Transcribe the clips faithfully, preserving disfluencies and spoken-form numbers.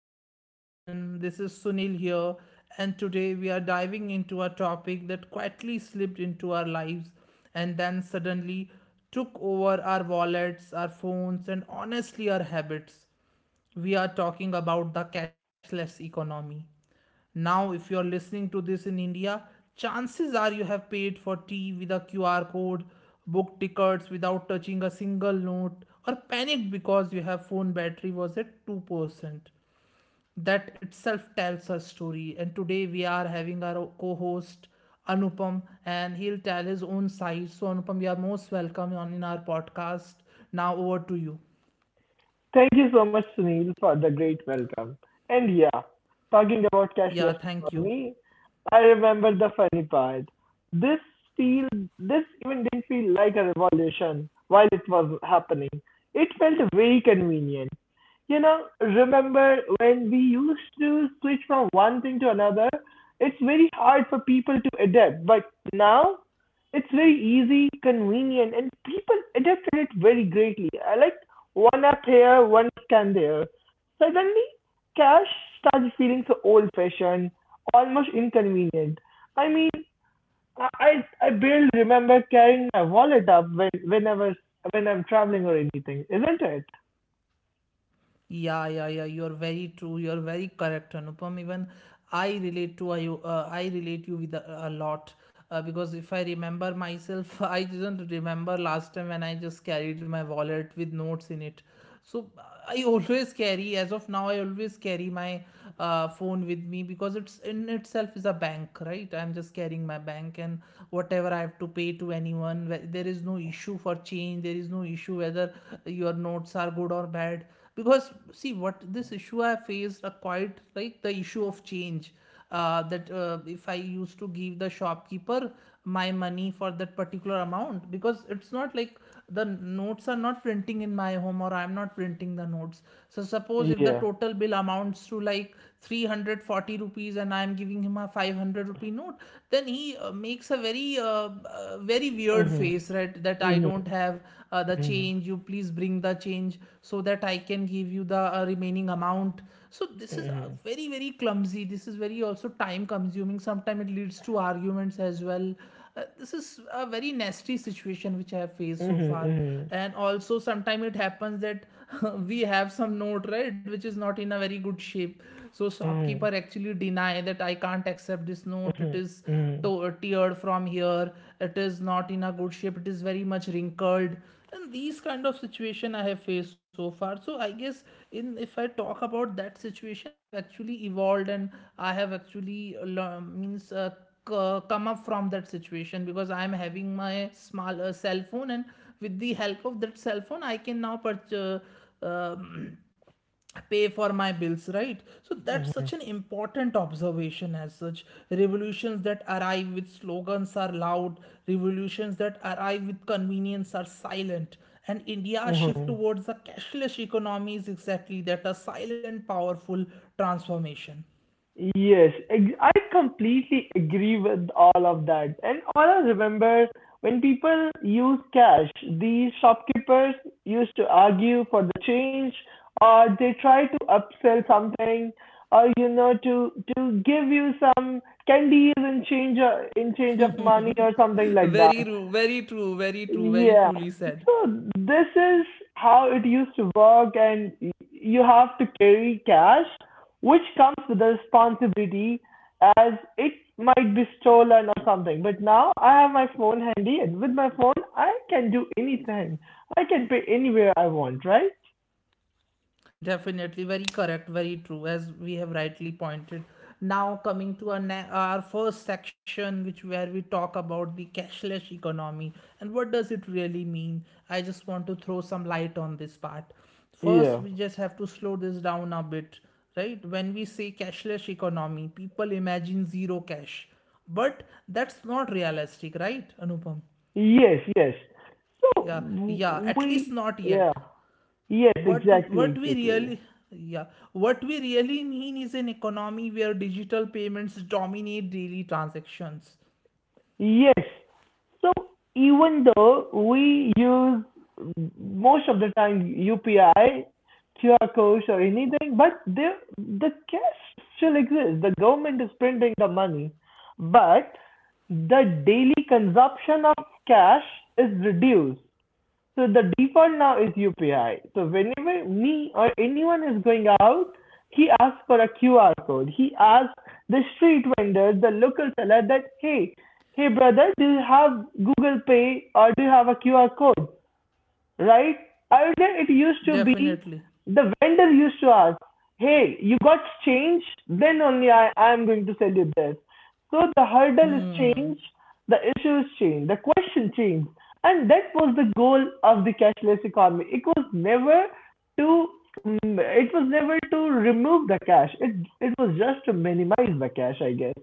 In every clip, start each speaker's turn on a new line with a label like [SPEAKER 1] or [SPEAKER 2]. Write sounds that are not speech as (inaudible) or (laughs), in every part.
[SPEAKER 1] podcast, everyone. This is Sunil here, and today we are diving into a topic that quietly slipped into our lives and then suddenly took over our wallets, our phones, and honestly, our habits. We are talking about the cashless economy. Now, if you're listening to this in India, chances are you have paid for tea with a Q R code, booked tickets without touching a single note, or panicked because your phone battery was at two percent. That itself tells a story. And today we are having our co host Anupam, and he'll tell his own side. So, Anupam, you are most welcome on in our podcast. Now, over to you.
[SPEAKER 2] Thank you so much, Sunil, for the great welcome. And yeah, talking about cashless
[SPEAKER 1] Yeah, thank you.
[SPEAKER 2] economy, I remember the funny part. This feel this even didn't feel like a revolution while it was happening. It felt very convenient. You know, remember when we used to switch from one thing to another? It's very hard for people to adapt, but now it's very easy, convenient, and people adapted it very greatly. I like one up here, one stand there. Suddenly, cash started feeling so old-fashioned, almost inconvenient. I mean, I I barely remember carrying my wallet up when whenever when I'm traveling or anything, isn't it?
[SPEAKER 1] Yeah, yeah, yeah. You are very true. You are very correct, Anupam. Even I relate to you. Uh, I relate you with a, a lot uh, because if I remember myself, (laughs) I didn't remember last time when I just carried my wallet with notes in it. So, uh, I always carry. As of now, I always carry my uh, phone with me because it's in itself is a bank, right? I'm just carrying my bank and whatever I have to pay to anyone. wh- There is no issue for change. There is no issue whether your notes are good or bad, because see what this issue I faced are quite like the issue of change, uh, that uh, if I used to give the shopkeeper my money for that particular amount, because it's not like the notes are not printing in my home or I'm not printing the notes. So suppose if the
[SPEAKER 2] Yeah.
[SPEAKER 1] total bill amounts to like three hundred forty rupees and I'm giving him a five hundred rupee note, then he uh, makes a very uh, uh, very weird weird
[SPEAKER 2] Mhm.
[SPEAKER 1] face, right? That I
[SPEAKER 2] Mhm.
[SPEAKER 1] don't have uh, the
[SPEAKER 2] Mhm.
[SPEAKER 1] change. You please bring the change so that I can give you the uh, remaining amount. So this is uh,
[SPEAKER 2] Mhm.
[SPEAKER 1] very very clumsy. This is very also time consuming. Sometimes it leads to arguments as well. Uh, this is a very nasty situation which I have faced so far.
[SPEAKER 2] Mhm.
[SPEAKER 1] And also sometimes it happens that (laughs) we have some note, right, which is not in a very good shape. So
[SPEAKER 2] Mhm.
[SPEAKER 1] shopkeeper actually deny that I can't accept this note. It
[SPEAKER 2] Mhm.
[SPEAKER 1] is
[SPEAKER 2] Mhm. Mhm.
[SPEAKER 1] to- teared from here. It is not in a good shape. It is very much wrinkled. And these kind of situation I have faced so far. So I guess, in if I talk about that situation, I have actually evolved, and I have actually lear- means uh, c- come up from that situation, because I am having my small uh, cell phone, and with the help of that cell phone I can now purchase, pay for my bills, right? So that's
[SPEAKER 2] Mhm.
[SPEAKER 1] such an important observation. As such, revolutions that arrive with slogans are loud, revolutions that arrive with convenience are silent, and india's shift
[SPEAKER 2] Mhm.
[SPEAKER 1] towards a cashless economy is exactly that, a silent, powerful transformation.
[SPEAKER 2] Yes, ex- I completely agree with all of that. And all I remember when people use cash, the shopkeepers used to argue for the change, or they try to upsell something, or you know, to to give you some candies in change in change of money or something
[SPEAKER 1] (laughs)
[SPEAKER 2] like
[SPEAKER 1] Very
[SPEAKER 2] that.
[SPEAKER 1] ru- very true, very true, very
[SPEAKER 2] Yeah.
[SPEAKER 1] truly said.
[SPEAKER 2] So this is how it used to work, and y- you have to carry cash, which comes with the responsibility as it might be stolen or something. But now I have my phone handy, and with my phone, I can do anything. I can pay anywhere I want, right?
[SPEAKER 1] Definitely very correct, very true, as we have rightly pointed. Now coming to our ne- our first section, which where we talk about the cashless economy and what does it really mean. I just want to throw some light on this part. First,
[SPEAKER 2] Yeah.
[SPEAKER 1] we just have to slow this down a bit, right? When we say cashless economy, people imagine zero cash, but that's not realistic, right, Anupam?
[SPEAKER 2] Yes, yes. So
[SPEAKER 1] Yeah, yeah,
[SPEAKER 2] w-
[SPEAKER 1] at least
[SPEAKER 2] we,
[SPEAKER 1] not
[SPEAKER 2] yeah.
[SPEAKER 1] yet.
[SPEAKER 2] Yes,
[SPEAKER 1] what
[SPEAKER 2] exactly,
[SPEAKER 1] what we
[SPEAKER 2] exactly.
[SPEAKER 1] really yeah, what we really mean is an economy where digital payments dominate daily transactions.
[SPEAKER 2] Yes. So even though we use most of the time U P I, Q R codes or anything, but there the cash still exists. The government is printing the money, but the daily consumption of cash is reduced. So the default now is U P I. So whenever me or anyone is going out, he asks for a Q R code. He asks the street vendor, the local seller that, hey, hey brother, do you have Google Pay or do you have a Q R code, right? Earlier it used to be
[SPEAKER 1] Definitely.
[SPEAKER 2] the vendor used to ask, hey, you got change? Then only I am going to sell you this. So the hurdle is
[SPEAKER 1] Hmm.
[SPEAKER 2] changed, the issue is changed, the question changed. And that was the goal of the cashless economy. It was never to mm, it was never to remove the cash. It it was just to minimize the cash, I guess.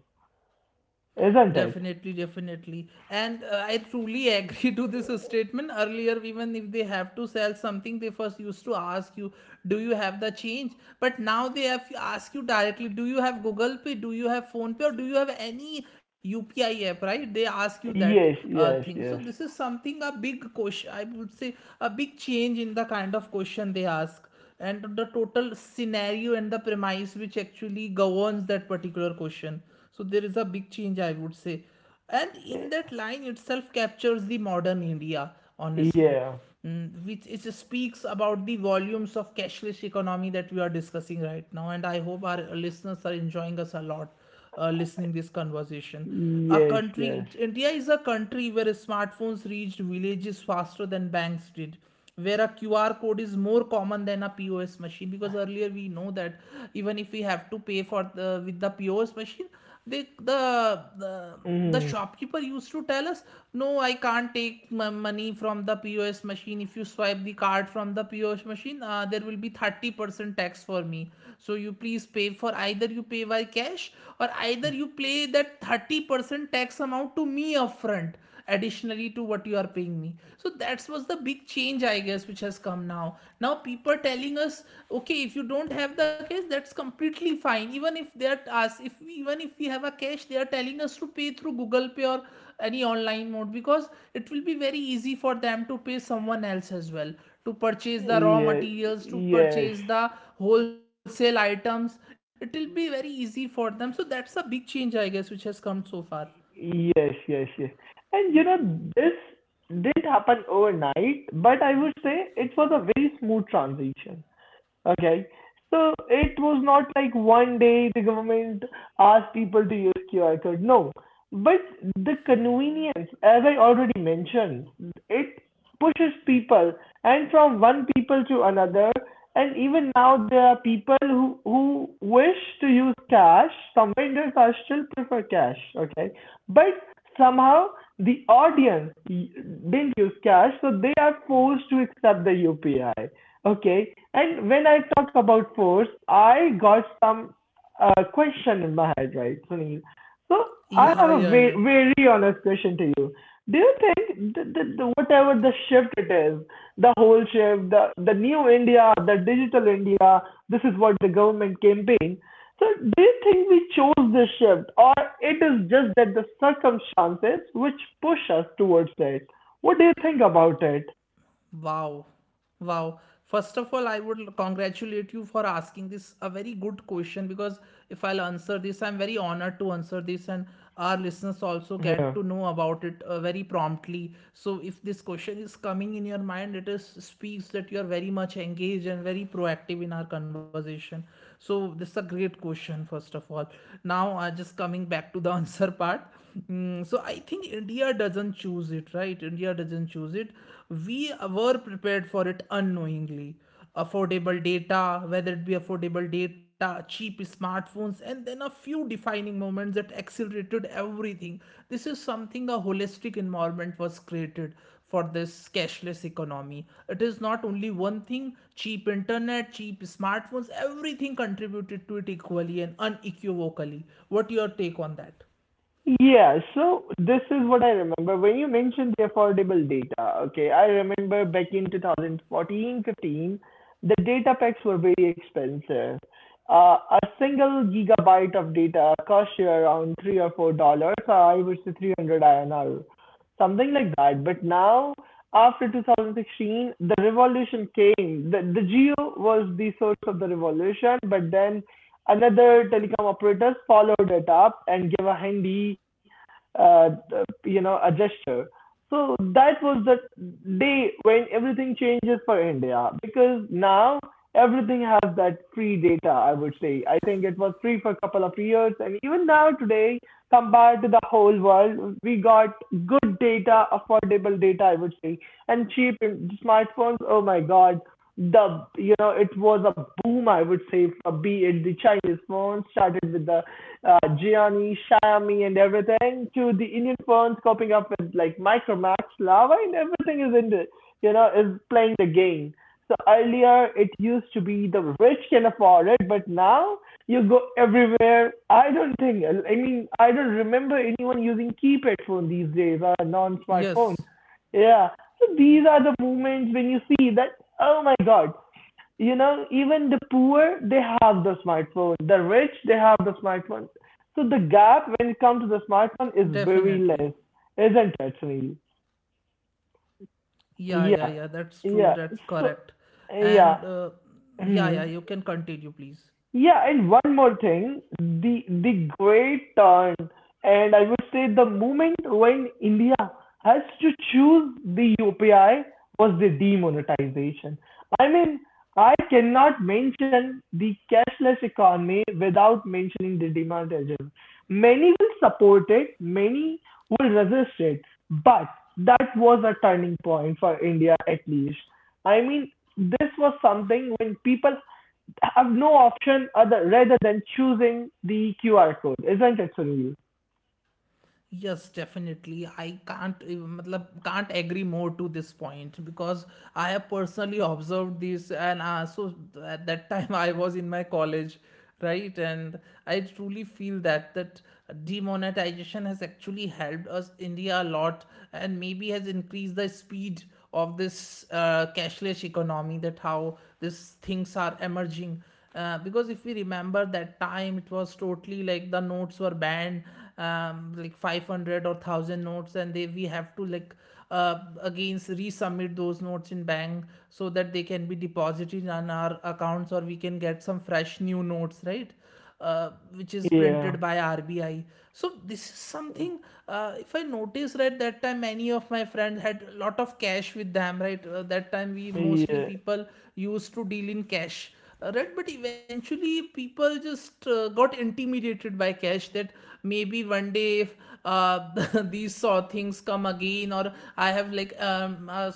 [SPEAKER 2] Isn't it?
[SPEAKER 1] Definitely, definitely. And uh, I truly agree (laughs) to this statement. Earlier, even if they have to sell something, they first used to ask you, do you have the change? But now they have to ask you directly, do you have Google Pay? Do you have Phone Pay? Or do you have any U P I app? Right? They ask you that
[SPEAKER 2] Yes,
[SPEAKER 1] uh,
[SPEAKER 2] yes,
[SPEAKER 1] thing. So,
[SPEAKER 2] yes.
[SPEAKER 1] this is something, a big question, I would say, a big change in the kind of question they ask, and the total scenario and the premise which actually governs that particular question. So there is a big change, I would say, and in that line itself captures the modern india, honestly.
[SPEAKER 2] Yeah.
[SPEAKER 1] Mm, which it speaks about the volumes of cashless economy that we are discussing right now, and I hope our listeners are enjoying us a lot uh, listening this conversation. a
[SPEAKER 2] Yes,
[SPEAKER 1] country
[SPEAKER 2] yes.
[SPEAKER 1] it's, india is a country where smartphones reached villages faster than banks did, where a Q R code is more common than a P O S machine, because earlier we know that even if we have to pay for the with the P O S machine, they the the the
[SPEAKER 2] Mm.
[SPEAKER 1] shopkeeper used to tell us, no, I can't take my money from the pos machine. If you swipe the card from the pos machine, uh, there will be thirty percent tax for me. So you please pay for, either you pay by cash or either you pay that thirty percent tax amount to me upfront, additionally to what you are paying me. So that was the big change, I guess, which has come. Now now people are telling us, okay, if you don't have the cash, that's completely fine. Even if they are us, if we, even if we have a cash, they are telling us to pay through google pay or any online mode, because it will be very easy for them to pay someone else as well, to purchase the raw
[SPEAKER 2] Yes,
[SPEAKER 1] materials, to
[SPEAKER 2] yes,
[SPEAKER 1] purchase the wholesale items. It will be very easy for them. So that's a big change, I guess, which has come so far.
[SPEAKER 2] yes, yes, yes. And you know, this didn't happen overnight, but I would say it was a very smooth transition. Okay. So it was not like one day the government asked people to use Q R code. No. But the convenience, as I already mentioned, it pushes people and from one people to another. And even now there are people who, who wish to use cash. Some vendors are still prefer cash. Okay. But somehow the audience didn't use cash, so they are forced to accept the U P I. Okay. And when I talk about force, I got some uh, question in my head, right, Sunil? So I
[SPEAKER 1] Yeah,
[SPEAKER 2] have a
[SPEAKER 1] yeah, yeah.
[SPEAKER 2] very, very honest question to you. Do you think the, the, the, whatever the shift it is, the whole shift, the, the new India, the digital India, this is what the government campaign. So do you think we chose this shift or it is just that the circumstances which push us towards it? What do you think about it?
[SPEAKER 1] Wow. Wow. First of all, I would congratulate you for asking this a very good question, because if I'll answer this, I'm very honored to answer this, and our listeners also get to
[SPEAKER 2] Yeah.
[SPEAKER 1] know about it uh, very promptly. So, if this question is coming in your mind, it is speaks that you are very much engaged and very proactive in our conversation. So, this is a great question, first of all. Now, uh, just coming back to the (laughs) answer part. Mm, so, I think India doesn't choose it, right? India doesn't choose it. We were prepared for it unknowingly. Affordable data, whether it be affordable data, cheap smartphones, and then a few defining moments that accelerated everything. This is something, a holistic environment was created for this cashless economy. It is not only one thing, cheap internet, cheap smartphones, everything contributed to it equally and unequivocally. What your take on that?
[SPEAKER 2] Yeah, so this is what I remember. When you mentioned the affordable data, okay, I remember back in two thousand fourteen, the data packs were very expensive. Uh, a single gigabyte of data cost you around three or four dollars, uh, I would say three hundred I N R, something like that. But now, after two thousand sixteen, the revolution came. The, the geo was the source of the revolution, but then another telecom operators followed it up and gave a handy, uh, you know, a gesture. So that was the day when everything changes for India because now everything has that free data, I would say. I think it was free for a couple of years, and even now today, compared to the whole world, we got good data, affordable data, I would say, and cheap smartphones. Oh my God, the you know it was a boom I would say for be it the Chinese phones started with the uh, Gianni, Xiaomi and everything to the Indian phones coping up with like Micromax, Lava and everything is in the you know is playing the game. So earlier it used to be the rich can afford it, but now you go everywhere. I don't think I mean I don't remember anyone using keypad phone these days or
[SPEAKER 1] Yes,
[SPEAKER 2] non-smartphone. Yeah, so these are the moments when you see that, oh my God, you know, even the poor, they have the smartphone. The rich, they have the smartphone. So the gap when it comes to the smartphone is very
[SPEAKER 1] definitely.
[SPEAKER 2] less, isn't it, Sunil?
[SPEAKER 1] Yeah, yeah,
[SPEAKER 2] Yeah,
[SPEAKER 1] yeah. That's true.
[SPEAKER 2] yeah.
[SPEAKER 1] That's
[SPEAKER 2] So,
[SPEAKER 1] correct.
[SPEAKER 2] yeah.
[SPEAKER 1] And uh, yeah, yeah. You
[SPEAKER 2] (clears throat)
[SPEAKER 1] can continue, please.
[SPEAKER 2] Yeah, and one more thing, the the great turn, and I would say the moment when India has to choose the U P I was the demonetization. I mean, I cannot mention the cashless economy without mentioning the demonetization. Many will support it, many will resist it, but that was a turning point for India at least. I mean, this was something when people have no option other rather than choosing the Q R code, isn't it, Sunil?
[SPEAKER 1] Yes, definitely. I can't even, matlab, can't agree more to this point, because I have personally observed this, and uh, so at that time (laughs) I was in my college, right? And I truly feel that that demonetization has actually helped us India a lot, and maybe has increased the speed of this uh, cashless economy. That how these things are emerging, uh, because if we remember that time, it was totally like the notes were banned, um, like five hundred or one thousand notes, and they we have to like uh, against resubmit those notes in bank so that they can be deposited on our accounts, or we can get some fresh new notes, right? Uh, which is
[SPEAKER 2] Yeah,
[SPEAKER 1] printed by R B I. So this is something. Uh, if I notice right, that time many of my friends had a lot of cash with them. Right, uh, that time we mostly
[SPEAKER 2] yeah,
[SPEAKER 1] people used to deal in cash. Uh, right, but eventually people just uh, got intimidated by cash. That maybe one day if uh, (laughs) these saw things come again, or I have like um, uh,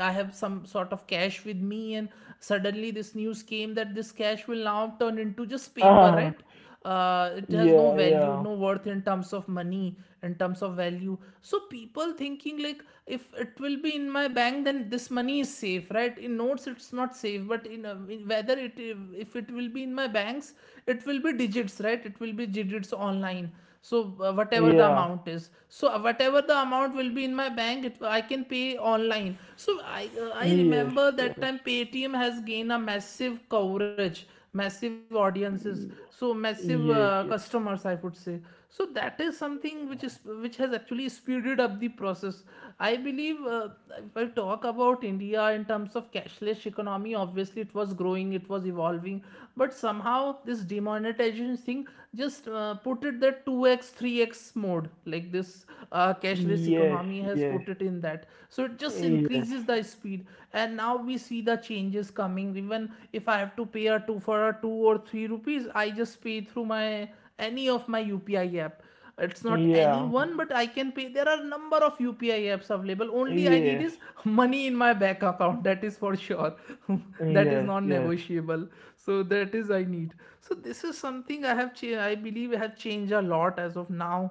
[SPEAKER 1] I have some sort of cash with me, and suddenly this new new scheme that this cash will now turn into just paper,
[SPEAKER 2] uh,
[SPEAKER 1] right? Uh, it has
[SPEAKER 2] yeah,
[SPEAKER 1] no
[SPEAKER 2] yeah,
[SPEAKER 1] value, no worth in terms of money, in terms of value. So people thinking like if it will be in my bank, then this money is safe, right? In notes, it's not safe, but in, uh, in whether it if it will be in my banks, it will be digits, right? It will be digits online. So uh, whatever the
[SPEAKER 2] yeah,
[SPEAKER 1] amount is, so uh, whatever the amount will be in my bank, it, I can pay online. So i uh, I
[SPEAKER 2] yes,
[SPEAKER 1] remember that
[SPEAKER 2] yes,
[SPEAKER 1] time paytm has gained a massive coverage, massive audiences, so massive uh,
[SPEAKER 2] yes, yes,
[SPEAKER 1] customers, I would say. So that is something which is, which has actually speeded up the process, I believe. Uh, if I talk about India in terms of cashless economy, obviously it was growing, it was evolving, but somehow this demonetization thing just uh, put it that two x, three x mode, like this uh, cashless
[SPEAKER 2] yes,
[SPEAKER 1] economy
[SPEAKER 2] yes,
[SPEAKER 1] has put
[SPEAKER 2] yes,
[SPEAKER 1] it in that. So it just
[SPEAKER 2] yeah, yes,
[SPEAKER 1] increases the speed, and now we see the changes coming. Even if I have to pay a two for a two or three rupees, I just pay through my any of my U P I app. It's not
[SPEAKER 2] yes,
[SPEAKER 1] anyone, but I can pay. There are number of UPI apps available. Only I need is money in my bank account, that is for sure. (laughs)
[SPEAKER 2] yes,
[SPEAKER 1] That is
[SPEAKER 2] yes,
[SPEAKER 1] non
[SPEAKER 2] yes, yes,
[SPEAKER 1] negotiable. So that is I need. So this is something i have cha- I believe I have changed a lot as of now.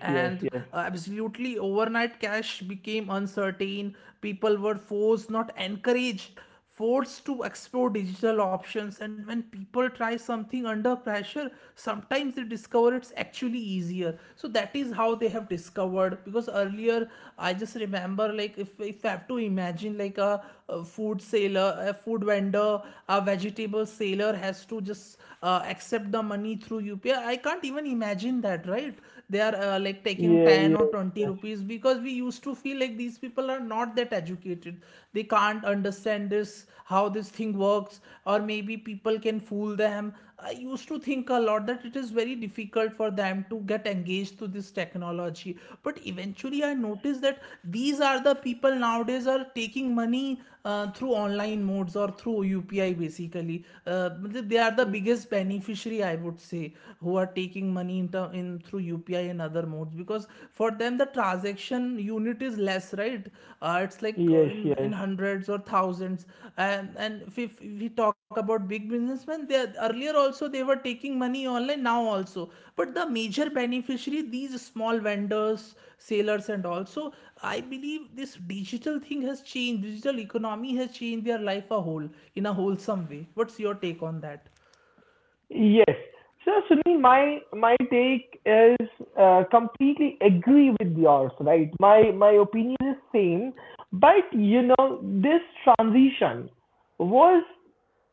[SPEAKER 1] And uh, absolutely, overnight cash became uncertain. People were forced, not encouraged, forced to explore digital options. And when people try something under pressure, sometimes they discover it's actually easier. So that is how they have discovered, because earlier I just remember, like, if, if I have to imagine like a a food seller, a food vendor, a vegetable seller has to just uh, accept the money through U P I. I I can't even imagine that, right? They are uh, like taking
[SPEAKER 2] yeah,
[SPEAKER 1] ten or
[SPEAKER 2] yes,
[SPEAKER 1] twenty
[SPEAKER 2] yes,
[SPEAKER 1] rupees, because we used to feel like these people are not that educated. They can't understand this, how this thing works, or maybe people can fool them. I used to think a lot that it is very difficult for them to get engaged to this technology. But eventually, I noticed that these are the people nowadays are taking money uh, through online modes or through U P I basically. Uh, they are the biggest beneficiary, I would say, who are taking money in, ter- in through U P I and other modes, because for them the transaction unit, it is less, right? Uh, it's like uh,
[SPEAKER 2] yes,
[SPEAKER 1] in in
[SPEAKER 2] yes,
[SPEAKER 1] hundreds or thousands. And and if, if we talk about big businessmen, they are, earlier also they were taking money online, now also. But the major beneficiary, these small vendors, sailors, and also I believe this digital thing has changed, digital economy has changed their life a whole, in a wholesome way. What's your take on that?
[SPEAKER 2] yes. So Sunil, my my take is uh, completely agree with yours, right? My my opinion is same, but you know this transition was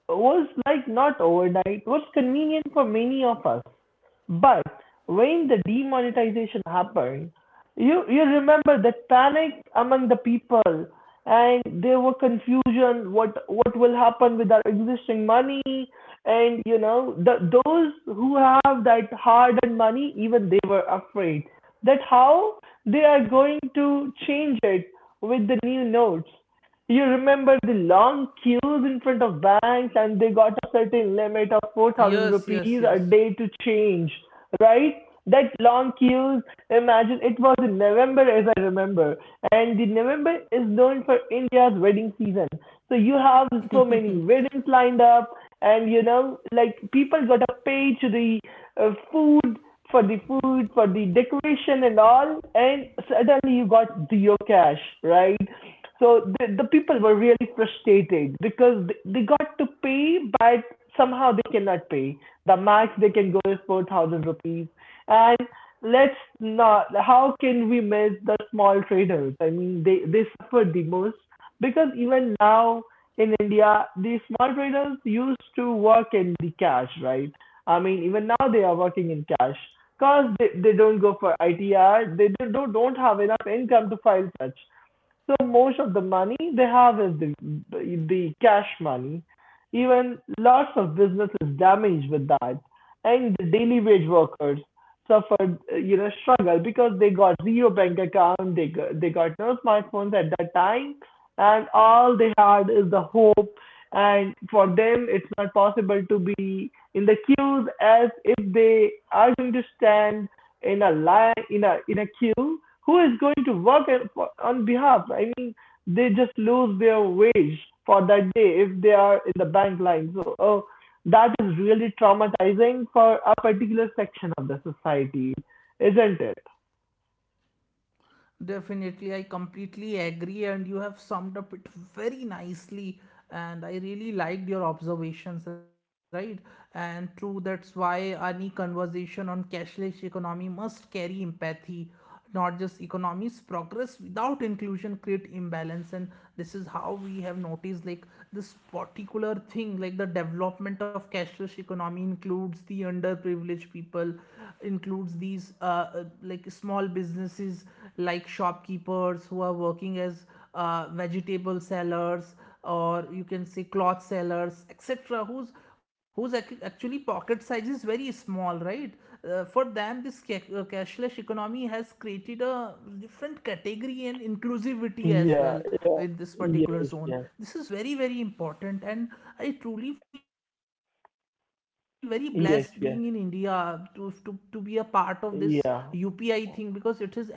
[SPEAKER 2] was like not overnight. It was convenient for many of us, but when the demonetization happened, you you remember that panic among the people, and there were confusion what what will happen with our existing money, and you know the those who have that hard-earned money, even they were afraid that how they are going to change it with the new notes. You remember the long queues in front of banks and they got a certain limit of four thousand
[SPEAKER 1] Yes, yes,
[SPEAKER 2] rupees a
[SPEAKER 1] yes.
[SPEAKER 2] day to change, right? That long queues, imagine it was in November as I remember. And the November is known for India's wedding season. So you have so many weddings lined up and you know, like people got to pay to the uh, food for the food, for the decoration and all, and suddenly you got zero cash, right? So the, the people were really frustrated because they, they got to pay, but somehow they cannot pay. The max they can go is four thousand rupees. And let's not, how can we miss the small traders? I mean, they, they suffered the most because even now in India, the small traders used to work in the cash, right? I mean, even now they are working in cash because they, they don't go for I T R. They, don't, don't have enough income to file such. So most of the money they have is the the cash money. Even lots of business is damaged with that, and the daily wage workers suffered uh, you know struggle because they got zero bank account, they got, they got no smartphones at that time, and all they had is the hope. And for them, it's not possible to be in the queues as if they are going to stand in a line in a in a queue. Who is going to work at- on behalf, I mean, they just lose their wage for that day if they are in the bank line. So oh, that is really traumatizing for a particular section of the society, isn't it?
[SPEAKER 1] Definitely, I completely agree, and you have summed up it very nicely. And I really liked your observations, right? And true, that's why any conversation on cashless economy must carry empathy, not just economies. Progress without inclusion create imbalance, and this is how we have noticed, like, this particular thing, like the development of cashless British economy includes the underprivileged people, includes these uh, uh, like small businesses, like shopkeepers who are working as uh, vegetable sellers, or you can say cloth sellers, et cetera. Whose whose actually pocket size is very small, right? Uh, for them, this uh, cashless economy has created a different category and inclusivity
[SPEAKER 2] Yeah,
[SPEAKER 1] as
[SPEAKER 2] yeah,
[SPEAKER 1] well in this
[SPEAKER 2] yes, yes,
[SPEAKER 1] particular zone. This is very very important, and I truly feel very blessed being in India
[SPEAKER 2] yes,
[SPEAKER 1] to
[SPEAKER 2] yes,
[SPEAKER 1] to, to be a part of this U P I thing, because
[SPEAKER 2] yeah,
[SPEAKER 1] it is emerged from India itself.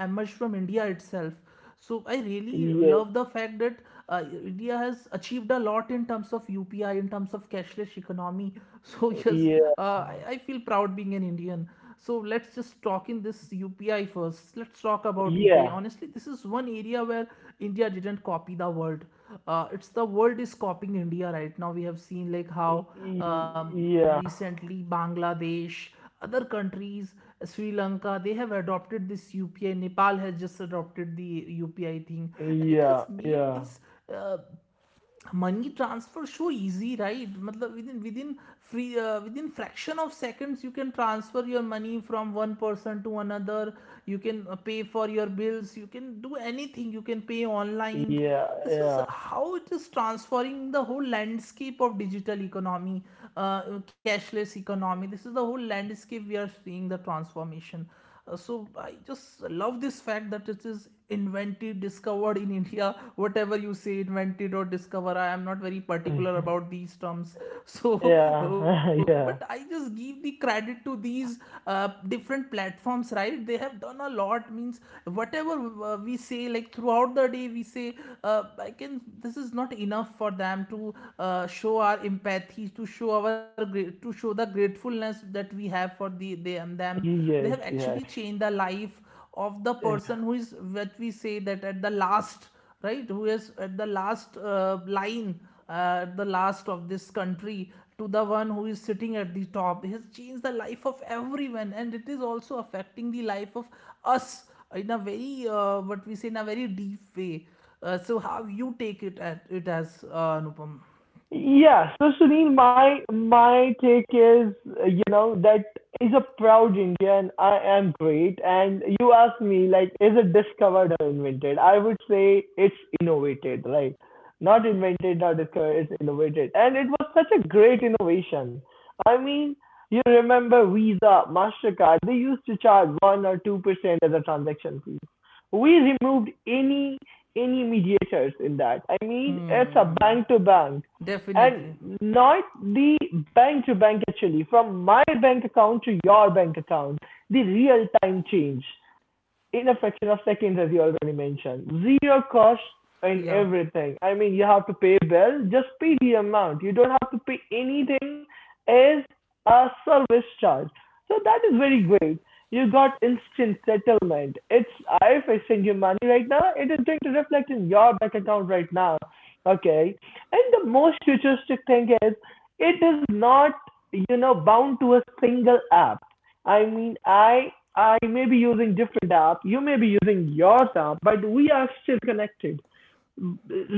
[SPEAKER 1] So I really love the fact that
[SPEAKER 2] yeah,
[SPEAKER 1] uh, India has achieved a lot in terms of UPI, in terms of cashless economy. (laughs) So yes, uh,
[SPEAKER 2] yeah,
[SPEAKER 1] I, I feel proud being an Indian. So let's just talk in this U P I first. Let's talk about U P I.
[SPEAKER 2] yeah,
[SPEAKER 1] Honestly, this is one area where India didn't copy the world. Uh, it's the world is copying India right now. We have seen like how
[SPEAKER 2] y- yeah,
[SPEAKER 1] um, recently Bangladesh, other countries, Sri Lanka, they have adopted this U P I. Nepal has just adopted the U P I thing, and
[SPEAKER 2] yeah,
[SPEAKER 1] it has
[SPEAKER 2] yeah,
[SPEAKER 1] made these uh, money transfer so easy, right? Matlab, within within free uh, within fraction of seconds you can transfer your money from one person to another. You can uh, pay for your bills, you can do anything, you can pay online. This
[SPEAKER 2] yeah,
[SPEAKER 1] is how it is transforming the whole landscape of digital economy, uh, cashless economy. This is the whole landscape, we are seeing the transformation. Uh, so I just love this fact that it is invented, discovered in India. Whatever you say, invented or discover, I am not very particular
[SPEAKER 2] yeah.
[SPEAKER 1] about
[SPEAKER 2] (laughs)
[SPEAKER 1] these terms. (laughs) So, uh,
[SPEAKER 2] Yeah,
[SPEAKER 1] but
[SPEAKER 2] (laughs)
[SPEAKER 1] I
[SPEAKER 2] yeah.
[SPEAKER 1] just give the credit to these uh, different platforms, right? They have done a lot. Means whatever uh, we say, like throughout the day, we say, uh, I can. This is not enough for them to uh, show our empathy, to show our, to show the gratefulness that we have for the them them They
[SPEAKER 2] Yes,
[SPEAKER 1] have
[SPEAKER 2] yes.
[SPEAKER 1] actually changed the life of the person who is, what we say, that at the last, right? Who is at the last uh, line, uh, the last of this country to the one who is sitting at the top. It has changed the life of everyone, and it is also affecting the life of us in a very, uh, what we say, in a very deep way. Uh, so how you take it at it as, uh, Anupam?
[SPEAKER 2] Yeah, so Sunil, my my take is, uh, you know, that is a proud Indian. I am great, and you ask me like, is it discovered or invented? I would say it's innovated, right? Not invented, not discovered. It's innovated, and it was such a great innovation. I mean, you remember Visa, Mastercard? They used to charge one or two percent as a transaction fee. We removed any any mediators in that. I mean, it's a
[SPEAKER 1] Hmm.
[SPEAKER 2] bank to bank
[SPEAKER 1] Definitely.
[SPEAKER 2] and not the bank to bank actually from my bank account to your bank account, the real time change in a fraction of seconds, as you already mentioned. Zero cost in
[SPEAKER 1] Yeah.
[SPEAKER 2] everything. I mean, you have to pay a bill, just pay the amount. You don't have to pay anything as a service charge. So that is very great. You got instant settlement. It's if I send you money right now, it is going to reflect in your bank account right now. Okay. And the most futuristic thing is, it is not you know bound to a single app. I mean, I I may be using different app, you may be using yours app, but we are still connected.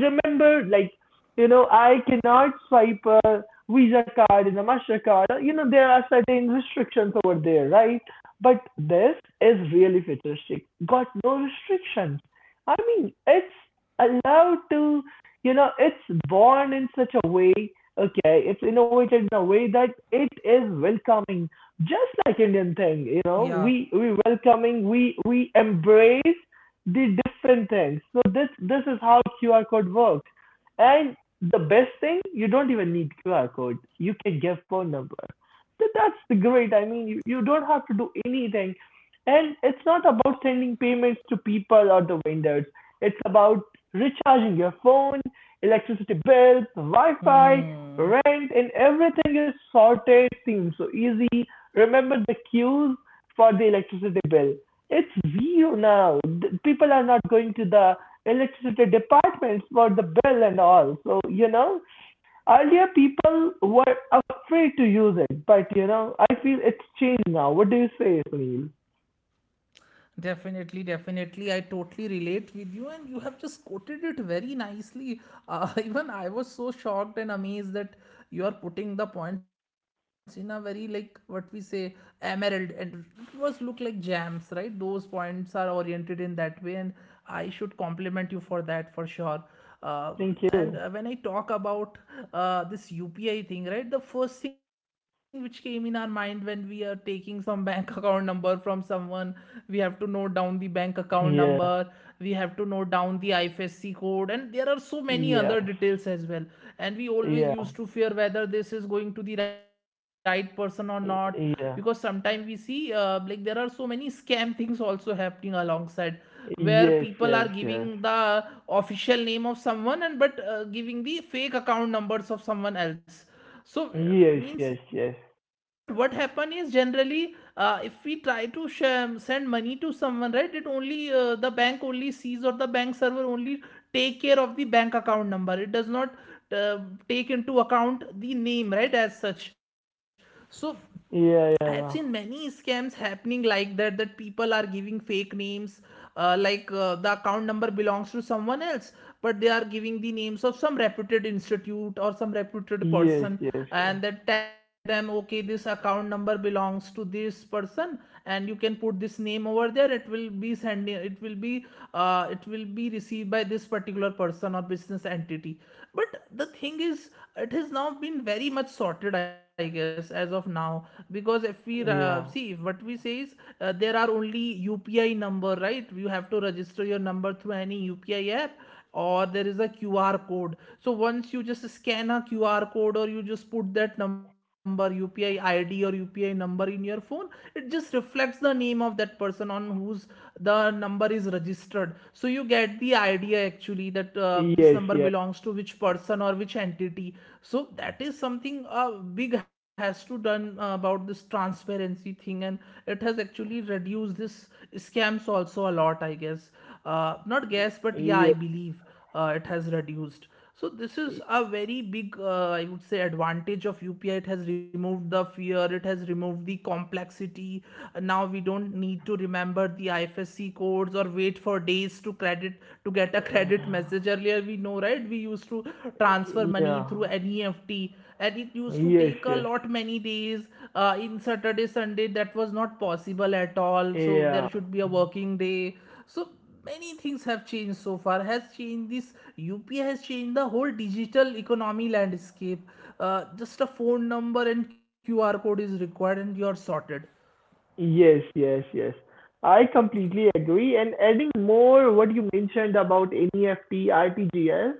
[SPEAKER 2] Remember, like, you know I cannot swipe a Visa card and a Mastercard. You know there are certain restrictions over there, right? But this is really futuristic, got no restrictions. I mean, it's allowed to, you know it's born in such a way. Okay, it's innovated in a way that it is welcoming, just like Indian thing. you know
[SPEAKER 1] Yeah.
[SPEAKER 2] we we welcoming, we we embrace the different things. So this this is how Q R code works. And the best thing, you don't even need Q R code. You can give phone number. So that's the great. I mean, you, you don't have to do anything. And it's not about sending payments to people or the vendors. It's about recharging your phone, electricity bills, Wi-Fi, rent,
[SPEAKER 1] Hmm.
[SPEAKER 2] and everything is sorted. Seems so easy. Remember the queues for the electricity bill. It's zero now. Th- People are not going to the electricity departments for the bill and all. So, you know, earlier people were afraid to use it, but you know, I feel it's changed now. What do you say, Sunil?
[SPEAKER 1] Definitely, definitely. I totally relate with you, and you have just quoted it very nicely. Uh, (laughs) even I was so shocked and amazed that you are putting the points in a very, like what we say, emerald, and it was look like gems, right? Those points are oriented in that way, and I should compliment you for that for sure.
[SPEAKER 2] Thank
[SPEAKER 1] um,
[SPEAKER 2] you.
[SPEAKER 1] and uh, when I talk about uh, this UPI thing, right? The first thing which came in our mind when we are taking some (laughs) bank account number from someone, we have to note down the bank account
[SPEAKER 2] Yeah.
[SPEAKER 1] number, we have to note down the I F S C code, and there are so
[SPEAKER 2] Yes.
[SPEAKER 1] many other details as well. And
[SPEAKER 2] Yeah.
[SPEAKER 1] we always used to fear whether this is going to the right person or not,
[SPEAKER 2] Yeah.
[SPEAKER 1] because sometimes we see, uh, like, there are so many scam things also happening alongside, where
[SPEAKER 2] Yes,
[SPEAKER 1] people
[SPEAKER 2] yes,
[SPEAKER 1] are
[SPEAKER 2] yes.
[SPEAKER 1] giving the official name of someone, and but uh, giving the fake account numbers of someone else. So, uh,
[SPEAKER 2] Yes, yes,
[SPEAKER 1] means,
[SPEAKER 2] yes.
[SPEAKER 1] but what happen is, generally, uh, if we try to share, send money to someone, right? It only, uh, the bank only sees, or the bank server only take care of the bank account number. It does not uh, take into account the name, right, as such. So I
[SPEAKER 2] Yeah,
[SPEAKER 1] have
[SPEAKER 2] yeah,
[SPEAKER 1] seen
[SPEAKER 2] yeah.
[SPEAKER 1] many scams happening like that, that people are giving fake names, uh, like uh, the account number belongs to someone else, but they are giving the names of some reputed institute or some reputed
[SPEAKER 2] Yes, yes,
[SPEAKER 1] person,
[SPEAKER 2] yes.
[SPEAKER 1] and that telling them, okay, this account number belongs to this person, and you can put this name over there. It will be sending, it will be, uh, it will be received by this particular person or business entity. But the thing is is it has now been very much sorted, I guess, as of now. Because if we
[SPEAKER 2] Yeah.
[SPEAKER 1] uh, see, if what we say is, uh, there are only UPI number, right? You have to register your number through any UPI app, or there is a Q R code. So once you just scan a Q R code, or you just put that number, U P I I D or U P I number, in your phone, it just reflects the name of that person on whose the number is registered. So you get the idea, actually actually that uh,
[SPEAKER 2] Yes, yeah.
[SPEAKER 1] this number belongs to which person or which entity. So that is something, uh, big has to done uh, about this transparency thing, and it has actually reduced this scams also a lot, I guess, uh, not guess, but
[SPEAKER 2] Yes.
[SPEAKER 1] yeah, I believe uh, it has reduced. So this is a very big, uh, I would say, advantage of UPI. It has removed the fear, it has removed the complexity. Now we don't need to remember the I F S C codes, or wait for days to credit, to get a (laughs)
[SPEAKER 2] Yeah.
[SPEAKER 1] credit message. Earlier, we know, right, we used to transfer money
[SPEAKER 2] Yeah.
[SPEAKER 1] through N E F T, and it used
[SPEAKER 2] Yes,
[SPEAKER 1] to
[SPEAKER 2] yes.
[SPEAKER 1] take a lot many days. Uh, in Saturday, Sunday, that was not possible at all, so
[SPEAKER 2] Yeah.
[SPEAKER 1] there should be a working day. So many things have changed, so far has changed. This UP has changed the whole digital economy landscape. Uh, just a phone number and Q R code is required, and you're sorted.
[SPEAKER 2] Yes, yes, yes. I completely agree. And adding more what you mentioned about N E F T, R T G S,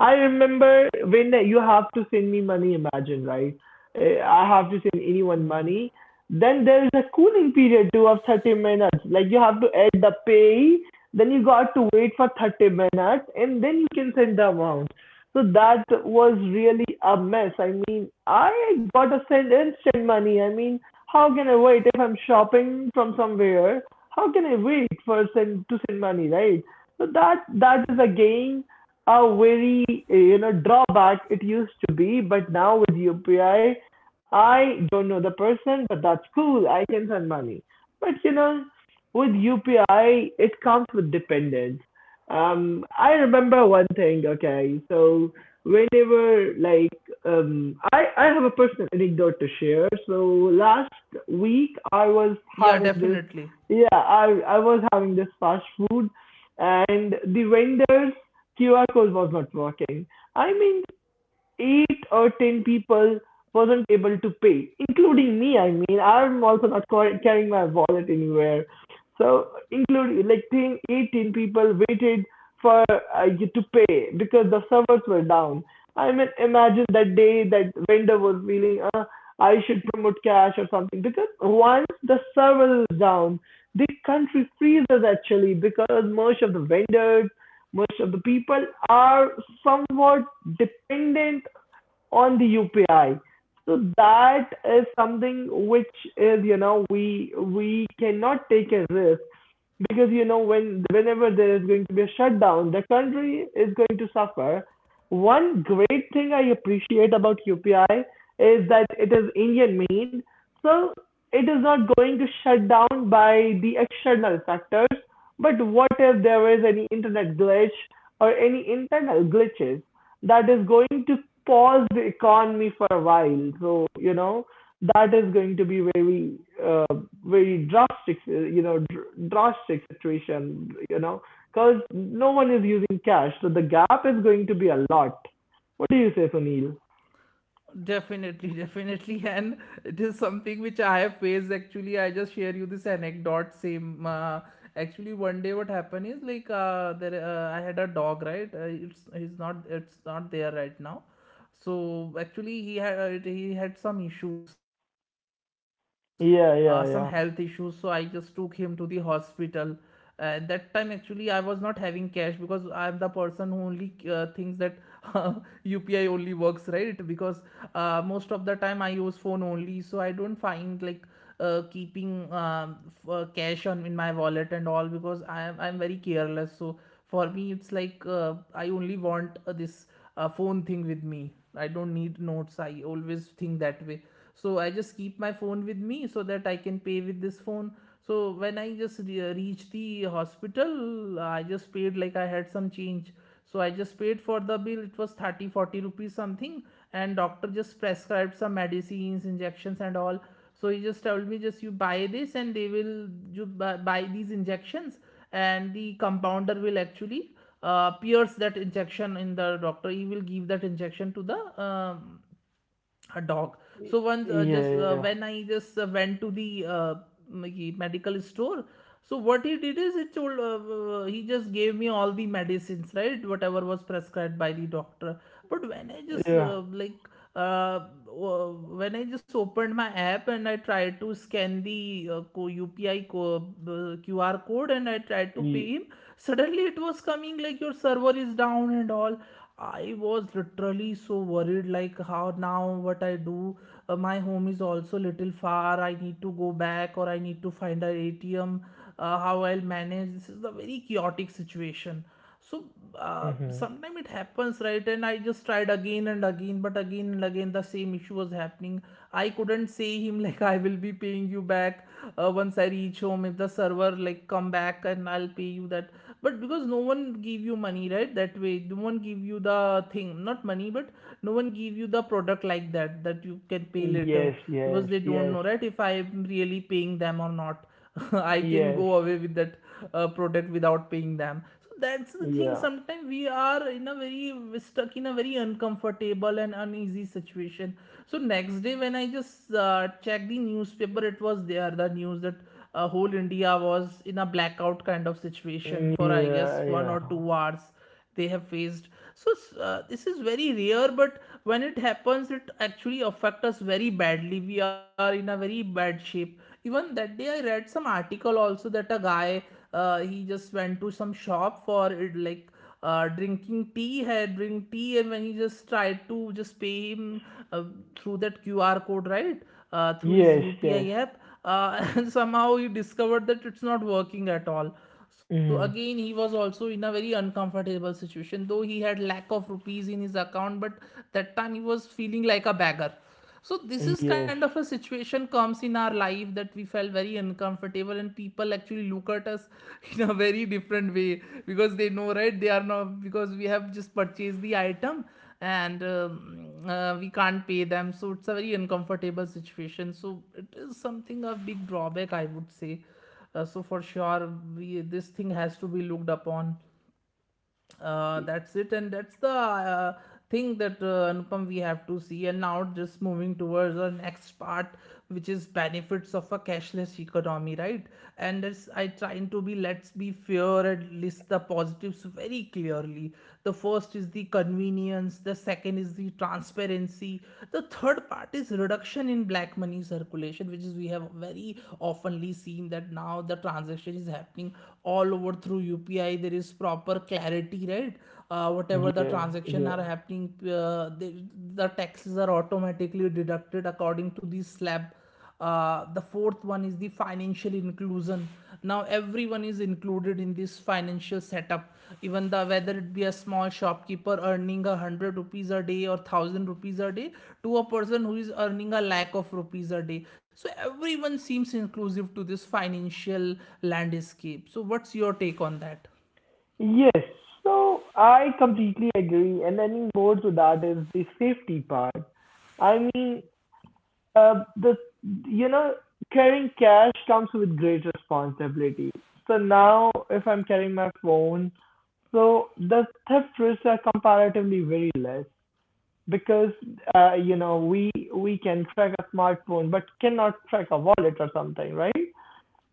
[SPEAKER 2] I remember when you have to send me money, imagine, right? Eh, I have to send anyone money. Then there's a cooling period too of thirty minutes. Like you have to add the pay, then you got to wait for thirty minutes, and then you can send the amount. So that was really a mess. I mean, I got to send instant money. I mean, how can I wait if I'm shopping from somewhere? How can I wait for send to send money, right? So that that is again a very, uh, you know, drawback it used to be, but now with U P I, I I don't know the person, but that's cool. I can send money. But you know, with U P I, it comes with dependence. Um, I remember one thing. Okay, so whenever, like, um, I I have a personal anecdote to share. So last week I was having
[SPEAKER 1] Yeah,
[SPEAKER 2] this.
[SPEAKER 1] definitely.
[SPEAKER 2] Yeah, I I was having this fast food, and the vendors Q R code was not working. I mean, eight or ten people wasn't able to pay, including me. I mean, I'm also not carrying my wallet anywhere. So, including like ten, eighteen people waited for uh, you to pay because the servers were down. I mean, imagine that day that vendor was feeling, uh, I should promote cash or something because once the server is down, the country freezes actually, because most of the vendors, most of the people are somewhat dependent on the U P I. So that is something which is, you know, we we cannot take a risk, because you know when whenever there is going to be a shutdown, the country is going to suffer. One great thing I appreciate about UPI is that it is Indian made. So it is not going to shut down by the external factors. But what if there is any internet glitch or any internal glitches? That is going to pause the economy for a while. So, you know that is going to be very, uh, very drastic, uh, you know dr- drastic situation. You know because no one is using cash, so the gap is going to be a lot. What do you say, Sunil?
[SPEAKER 1] Definitely, (laughs) definitely, and it is something which I have faced. Actually, I just share you this anecdote. Same, uh, actually, one day what happened is, like, uh, there, uh, I had a dog, right? Uh, it's he's not it's not there right now. So actually, he had, uh, it- he had some issues, uh, some health issues. So I
[SPEAKER 2] Yeah,
[SPEAKER 1] just
[SPEAKER 2] yeah,
[SPEAKER 1] took
[SPEAKER 2] yeah.
[SPEAKER 1] him to the hospital, and that time actually I was not having cash because I am the person who only uh, thinks that (laughs) U P I only works, right? Because uh, most of the time I use phone only, so I don't find like uh, keeping um, f- uh, cash on in my wallet and all because i am i'm very careless. So for me it's like uh, I only want uh, this uh, phone thing with me. I don't need notes, I always think that way. So I just keep my phone with me so that I can pay with this phone. So when I just re- uh, reached the hospital, I just paid, like, I had some change. So I just paid for the bill. It was thirty forty rupees something. And doctor just prescribed some medicines, injections and all. So he just told me just you buy this and they will you bu- buy these injections, and the compounder will actually uh, pierce that injection in the doctor. He will give that injection to the um, a dog.
[SPEAKER 2] Y-
[SPEAKER 1] So once uh,
[SPEAKER 2] yeah,
[SPEAKER 1] just
[SPEAKER 2] yeah,
[SPEAKER 1] uh, when I just uh, went to the uh, me- medical store, so what he did is it told uh, uh, he just gave me all the medicines, right, whatever was prescribed by the doctor. But when I just
[SPEAKER 2] yeah.
[SPEAKER 1] uh, like uh, uh, when I just opened my app and I tried to scan the uh, co- upi co- uh, Q R code and I tried to pay him, suddenly it was coming like your server is down and all. I was literally so worried, like how now, what I do. Uh, my home is also little far, I need to go back or I need to find an a ATM. Uh, how I'll manage, this is a very chaotic situation. So uh,
[SPEAKER 2] Mm-hmm.
[SPEAKER 1] sometimes it happens, right? And I just tried again and again, but again and again the same issue was happening. I couldn't say him (laughs) like I will be paying you back uh, once I reach home, if the server like come back, and I'll pay you that. But because no one give you money, right? That way, no one give you the thing, not money, but no one give you the product like that, that you can pay later.
[SPEAKER 2] Yes,
[SPEAKER 1] Because
[SPEAKER 2] yes,
[SPEAKER 1] they don't
[SPEAKER 2] yes,
[SPEAKER 1] know, right, if I'm really paying them or not. (laughs) I can
[SPEAKER 2] yes.
[SPEAKER 1] go away with that uh, product without paying them. So so that's the thing,
[SPEAKER 2] Yeah.
[SPEAKER 1] sometimes we are in a very stuck in a very uncomfortable and uneasy situation. So next day when I just uh, checked the newspaper, it was there, the news that uh, whole India was in a blackout kind of
[SPEAKER 2] Mm,
[SPEAKER 1] situation for, I
[SPEAKER 2] yeah,
[SPEAKER 1] guess, one
[SPEAKER 2] yeah.
[SPEAKER 1] or two hours they have faced. So uh, this is very rare, but when it happens it actually affects us very badly, we are in a very bad shape. Even that day I read some article also that a guy, uh, he just went to some shop for it, like uh, drinking tea, had drink tea, and when he just tried to just pay him uh, through that Q R code, right, uh, through his
[SPEAKER 2] Yes,
[SPEAKER 1] upi
[SPEAKER 2] yes.
[SPEAKER 1] app uh, (laughs) and somehow he discovered that it's not working at all. So
[SPEAKER 2] Mm-hmm.
[SPEAKER 1] again, he was also in a very uncomfortable situation, though he had lack of rupees in his account, but that time he was feeling like a beggar. So this is
[SPEAKER 2] Yes,
[SPEAKER 1] kind of a situation comes in our life that we felt very uncomfortable and people actually look at us (laughs) in a very different way because they know, right, they are not because we have just purchased the item, and um, uh, we can't pay them. So it's a very uncomfortable situation, so it is something a big drawback, I would say. Uh, so for sure, we, this thing has to be looked upon. Uh, that's it, and that's the uh, thing that, uh, Anupam, we have to see. And now just moving towards the next part, which is benefits of a cashless economy, right? And it's I trying to be, let's be fair and list the positives very clearly. The first is the convenience, the second is the transparency, the third part is reduction in black money circulation, which is we have very oftenly seen that now the transaction is happening all over through U P I. There is problem proper clarity, right? Uh, whatever the
[SPEAKER 2] yeah,
[SPEAKER 1] transaction
[SPEAKER 2] yeah.
[SPEAKER 1] are happening, uh, the, the taxes are automatically deducted according to the slab. Uh, the fourth one is the financial inclusion. Now everyone is included in this financial setup, even the whether it be a small shopkeeper earning a hundred rupees a day or thousand rupees a day to a person who is earning a lakh of rupees a day, so everyone seems inclusive to this financial landscape. So what's your take on that?
[SPEAKER 2] Yes, so I completely agree, and adding more to that is the safety part. I mean, uh, the you know, carrying cash comes with great responsibility. So now, if I'm carrying my phone, so the theft risks are comparatively very less, because uh, you know we we can track a smartphone, but cannot track a wallet or something, right?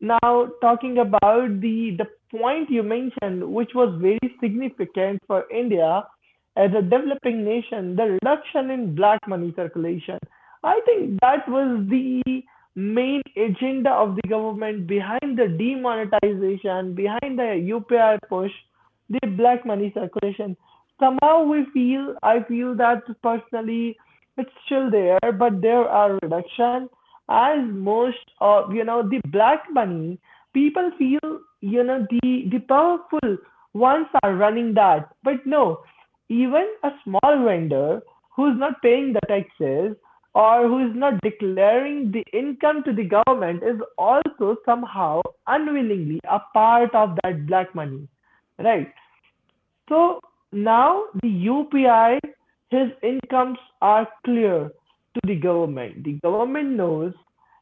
[SPEAKER 2] Now, talking about the the point you mentioned, which was very significant for India as a developing nation, the reduction in black money circulation. I think that was the main agenda of the government behind the demonetization, behind the U P I push, the black money circulation. Somehow we feel, I feel that personally, it's still there, but there are reduction, as most of you know. The black money, people feel, you know the the powerful ones are running that, but no. Even a small vendor who's not paying the taxes or who is not declaring the income to the government is also somehow unwillingly a part of that black money, right? So now the U P I, his incomes are clear to the government. The government knows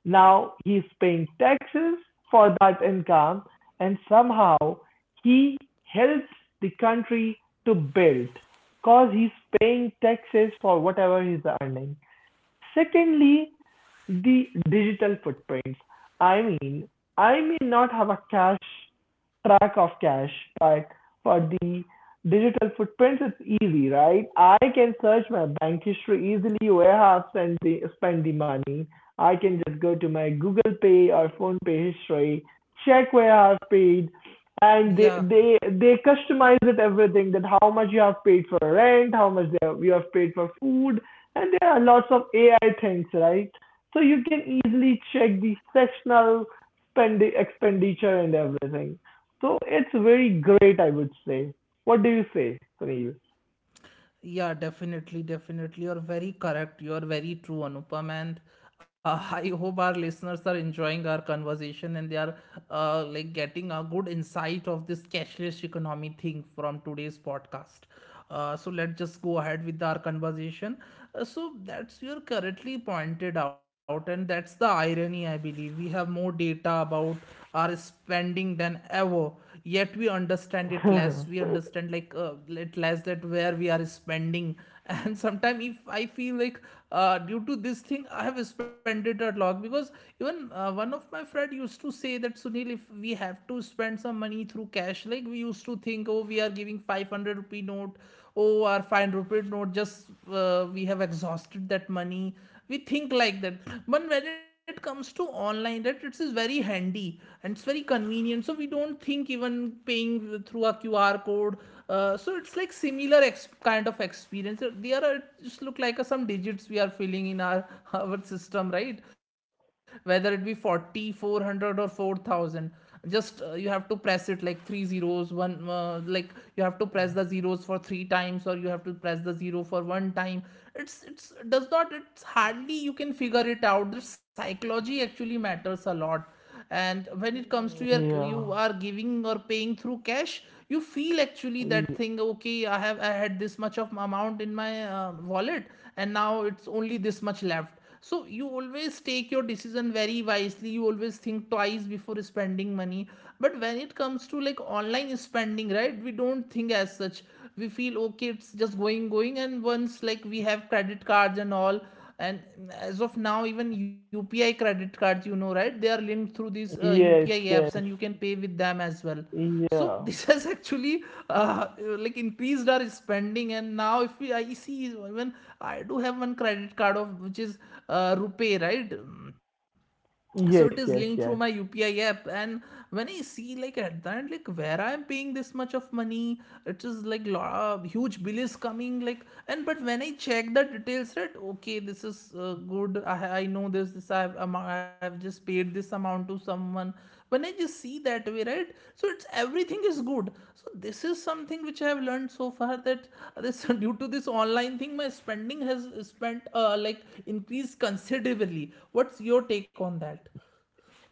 [SPEAKER 2] now he's paying taxes for that income, and somehow he helps the country to build, because he's paying taxes for whatever he's earning. Secondly, the digital footprints. I mean, I may not have a cash, track of cash, but for the digital footprints, it's easy, right? I can search my bank history easily, where I have spent the, spent the money. I can just go to my Google Pay or Phone Pay history, check where I have paid, and they
[SPEAKER 1] Yeah.
[SPEAKER 2] they they customize it everything, that how much you have paid for rent, how much they have, you have paid for food, and there are lots of A I things, right? So you can easily check the sessional spend expenditure and everything. So it's very great, I would say. What do you say, Sunil?
[SPEAKER 1] Yeah, definitely, definitely. You're very correct. You're very true, Anupam. And uh, (laughs) I hope our listeners are enjoying our conversation and they are uh, like getting a good insight of this cashless economy thing from today's podcast. Uh, so let's just go ahead with our conversation. Uh, so that's you're correctly pointed out, and that's the irony, I believe. We have more data about are spending than ever, yet we understand it less. We
[SPEAKER 2] (laughs)
[SPEAKER 1] understand, like uh, it less, that where we are spending. (laughs) And sometimes if I feel like uh, due to this thing I have spent it a lot, because even uh, one of my friend used to say that Sunil, if we have to spend some money through cash, like, we used to think, oh, we are giving five hundred rupee note. Oh, our five hundred rupee note, just uh, we have exhausted that money. We think like that. But when it comes to online, that it is very handy, and it's very convenient. So we don't think even paying through a Q R code. Uh, so it's like similar ex- kind of experience. So, they, there are, it just look like uh, some digits we are filling in our (laughs) our system, right? Whether it be forty, four hundred, or four thousand, just uh, you have to press it like three zeros, one uh, like. You have to press the zeros for three times, or you have to press the zero for one time. It's it's it does not it's hardly you can figure it out. The psychology actually matters a lot. And when it comes to your,
[SPEAKER 2] Yeah.
[SPEAKER 1] you are giving or paying through cash, you feel actually
[SPEAKER 2] Ye-
[SPEAKER 1] that thing, okay, i have i had this much of amount in my uh, wallet and now it's only this much left. So you always take your decision very wisely, you always think twice before spending money. But when it comes to, like, online spending, right? We don't think as such. We feel okay, it's just going, going. And once, like, we have credit cards and all, and as of now, even U P I credit cards, you know, right? They are linked through these uh,
[SPEAKER 2] Yes,
[SPEAKER 1] U P I apps,
[SPEAKER 2] yes.
[SPEAKER 1] and you can pay with them as well. So (laughs)
[SPEAKER 2] Yeah.
[SPEAKER 1] this has actually uh, like increased our spending. And now if we, I see, even I do have one credit card of which is uh, rupee, right. Mm, so it
[SPEAKER 2] Yes,
[SPEAKER 1] is linked
[SPEAKER 2] yes,
[SPEAKER 1] through my
[SPEAKER 2] yes.
[SPEAKER 1] U P I app, and when I see, like, at the end, like where I am paying this much of money, it is like lo- uh, huge bill is coming, like. And but when I check the details, right, okay, this is uh, good. I, I know this this I have, am- I have just paid this amount to someone. When I just see that way, right, so it's everything is good. So this is something which I have learned so far, that this (laughs) due to this online thing my spending has spent uh, like increased considerably. What's your take on that?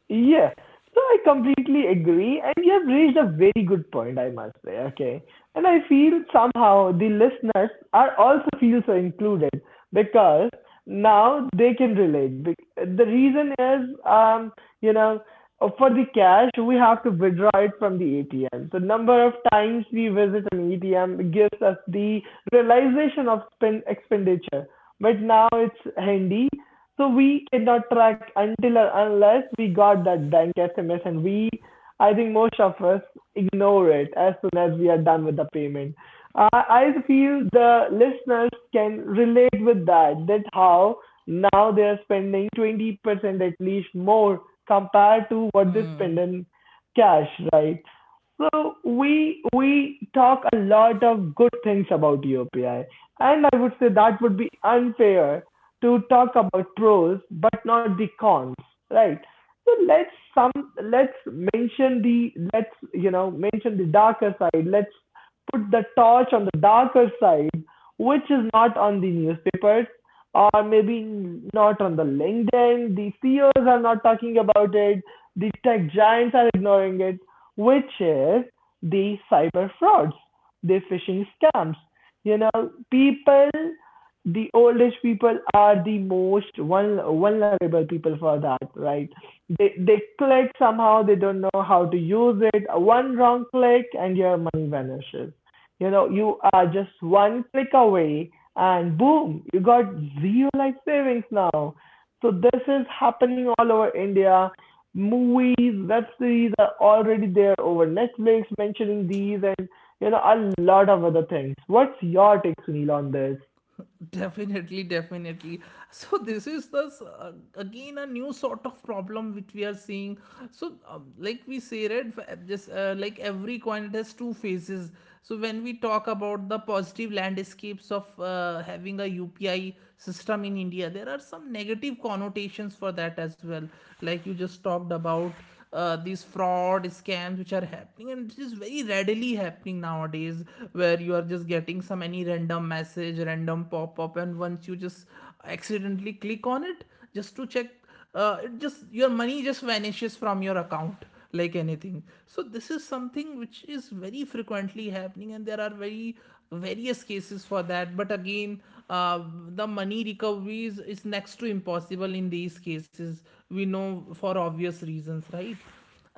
[SPEAKER 2] Yeah, so I completely agree, and you have raised a very good point, I must say. Okay, and I feel somehow the listeners are also feel so included, because now they can relate. Bec- The reason is, um, you know, for the cash we have to withdraw it from the A T M. So number of times we visit an A T M gives us the realization of spend expenditure. But now it's handy, so we cannot track until or unless we got that blank S M S and we, I think most of us ignore it as soon as we are done with the payment. Uh, I feel the listeners can relate with that, that how now they are spending twenty percent at least more compared to what they spend in cash, right? So we we talk a lot of good things about U P I, and I would say that would be unfair to talk about pros but not the cons, right? So let's some let's mention the let's you know mention the darker side. Let's put the torch on the darker side, which is not on the newspapers, or maybe not on the LinkedIn. The C E Os are not talking about it. The tech giants are ignoring it, which is the cyber frauds, the phishing scams. You know, people, the old age people are the most vul- vulnerable people for that, right? They they click somehow, they don't know how to use it. One wrong click and your money vanishes. You know, you are just one click away, and boom, you got zero life savings now. So this is happening all over India. Movies, web series are already there over Netflix, mentioning these, and you know a lot of other things. What's your take, Sunil, on this?
[SPEAKER 1] Definitely, definitely. So this is the s- uh, again a new sort of problem which we are seeing. So um, like we say, right? f- uh, Just uh, like every coin it has two faces. So when we talk about the positive landscapes of uh, having a U P I system in India, there are some negative connotations for that as well. Like you just talked about uh, these fraud scams which are happening, and it is very readily happening nowadays, where you are just getting some any random message, random pop-up, and once you just accidentally click on it just to check, uh, it just your money just vanishes from your account like anything. So this is something which is very frequently happening, and there are very various cases for that. But again, uh, the money recoveries is next to impossible in these cases, we know, for obvious reasons, right?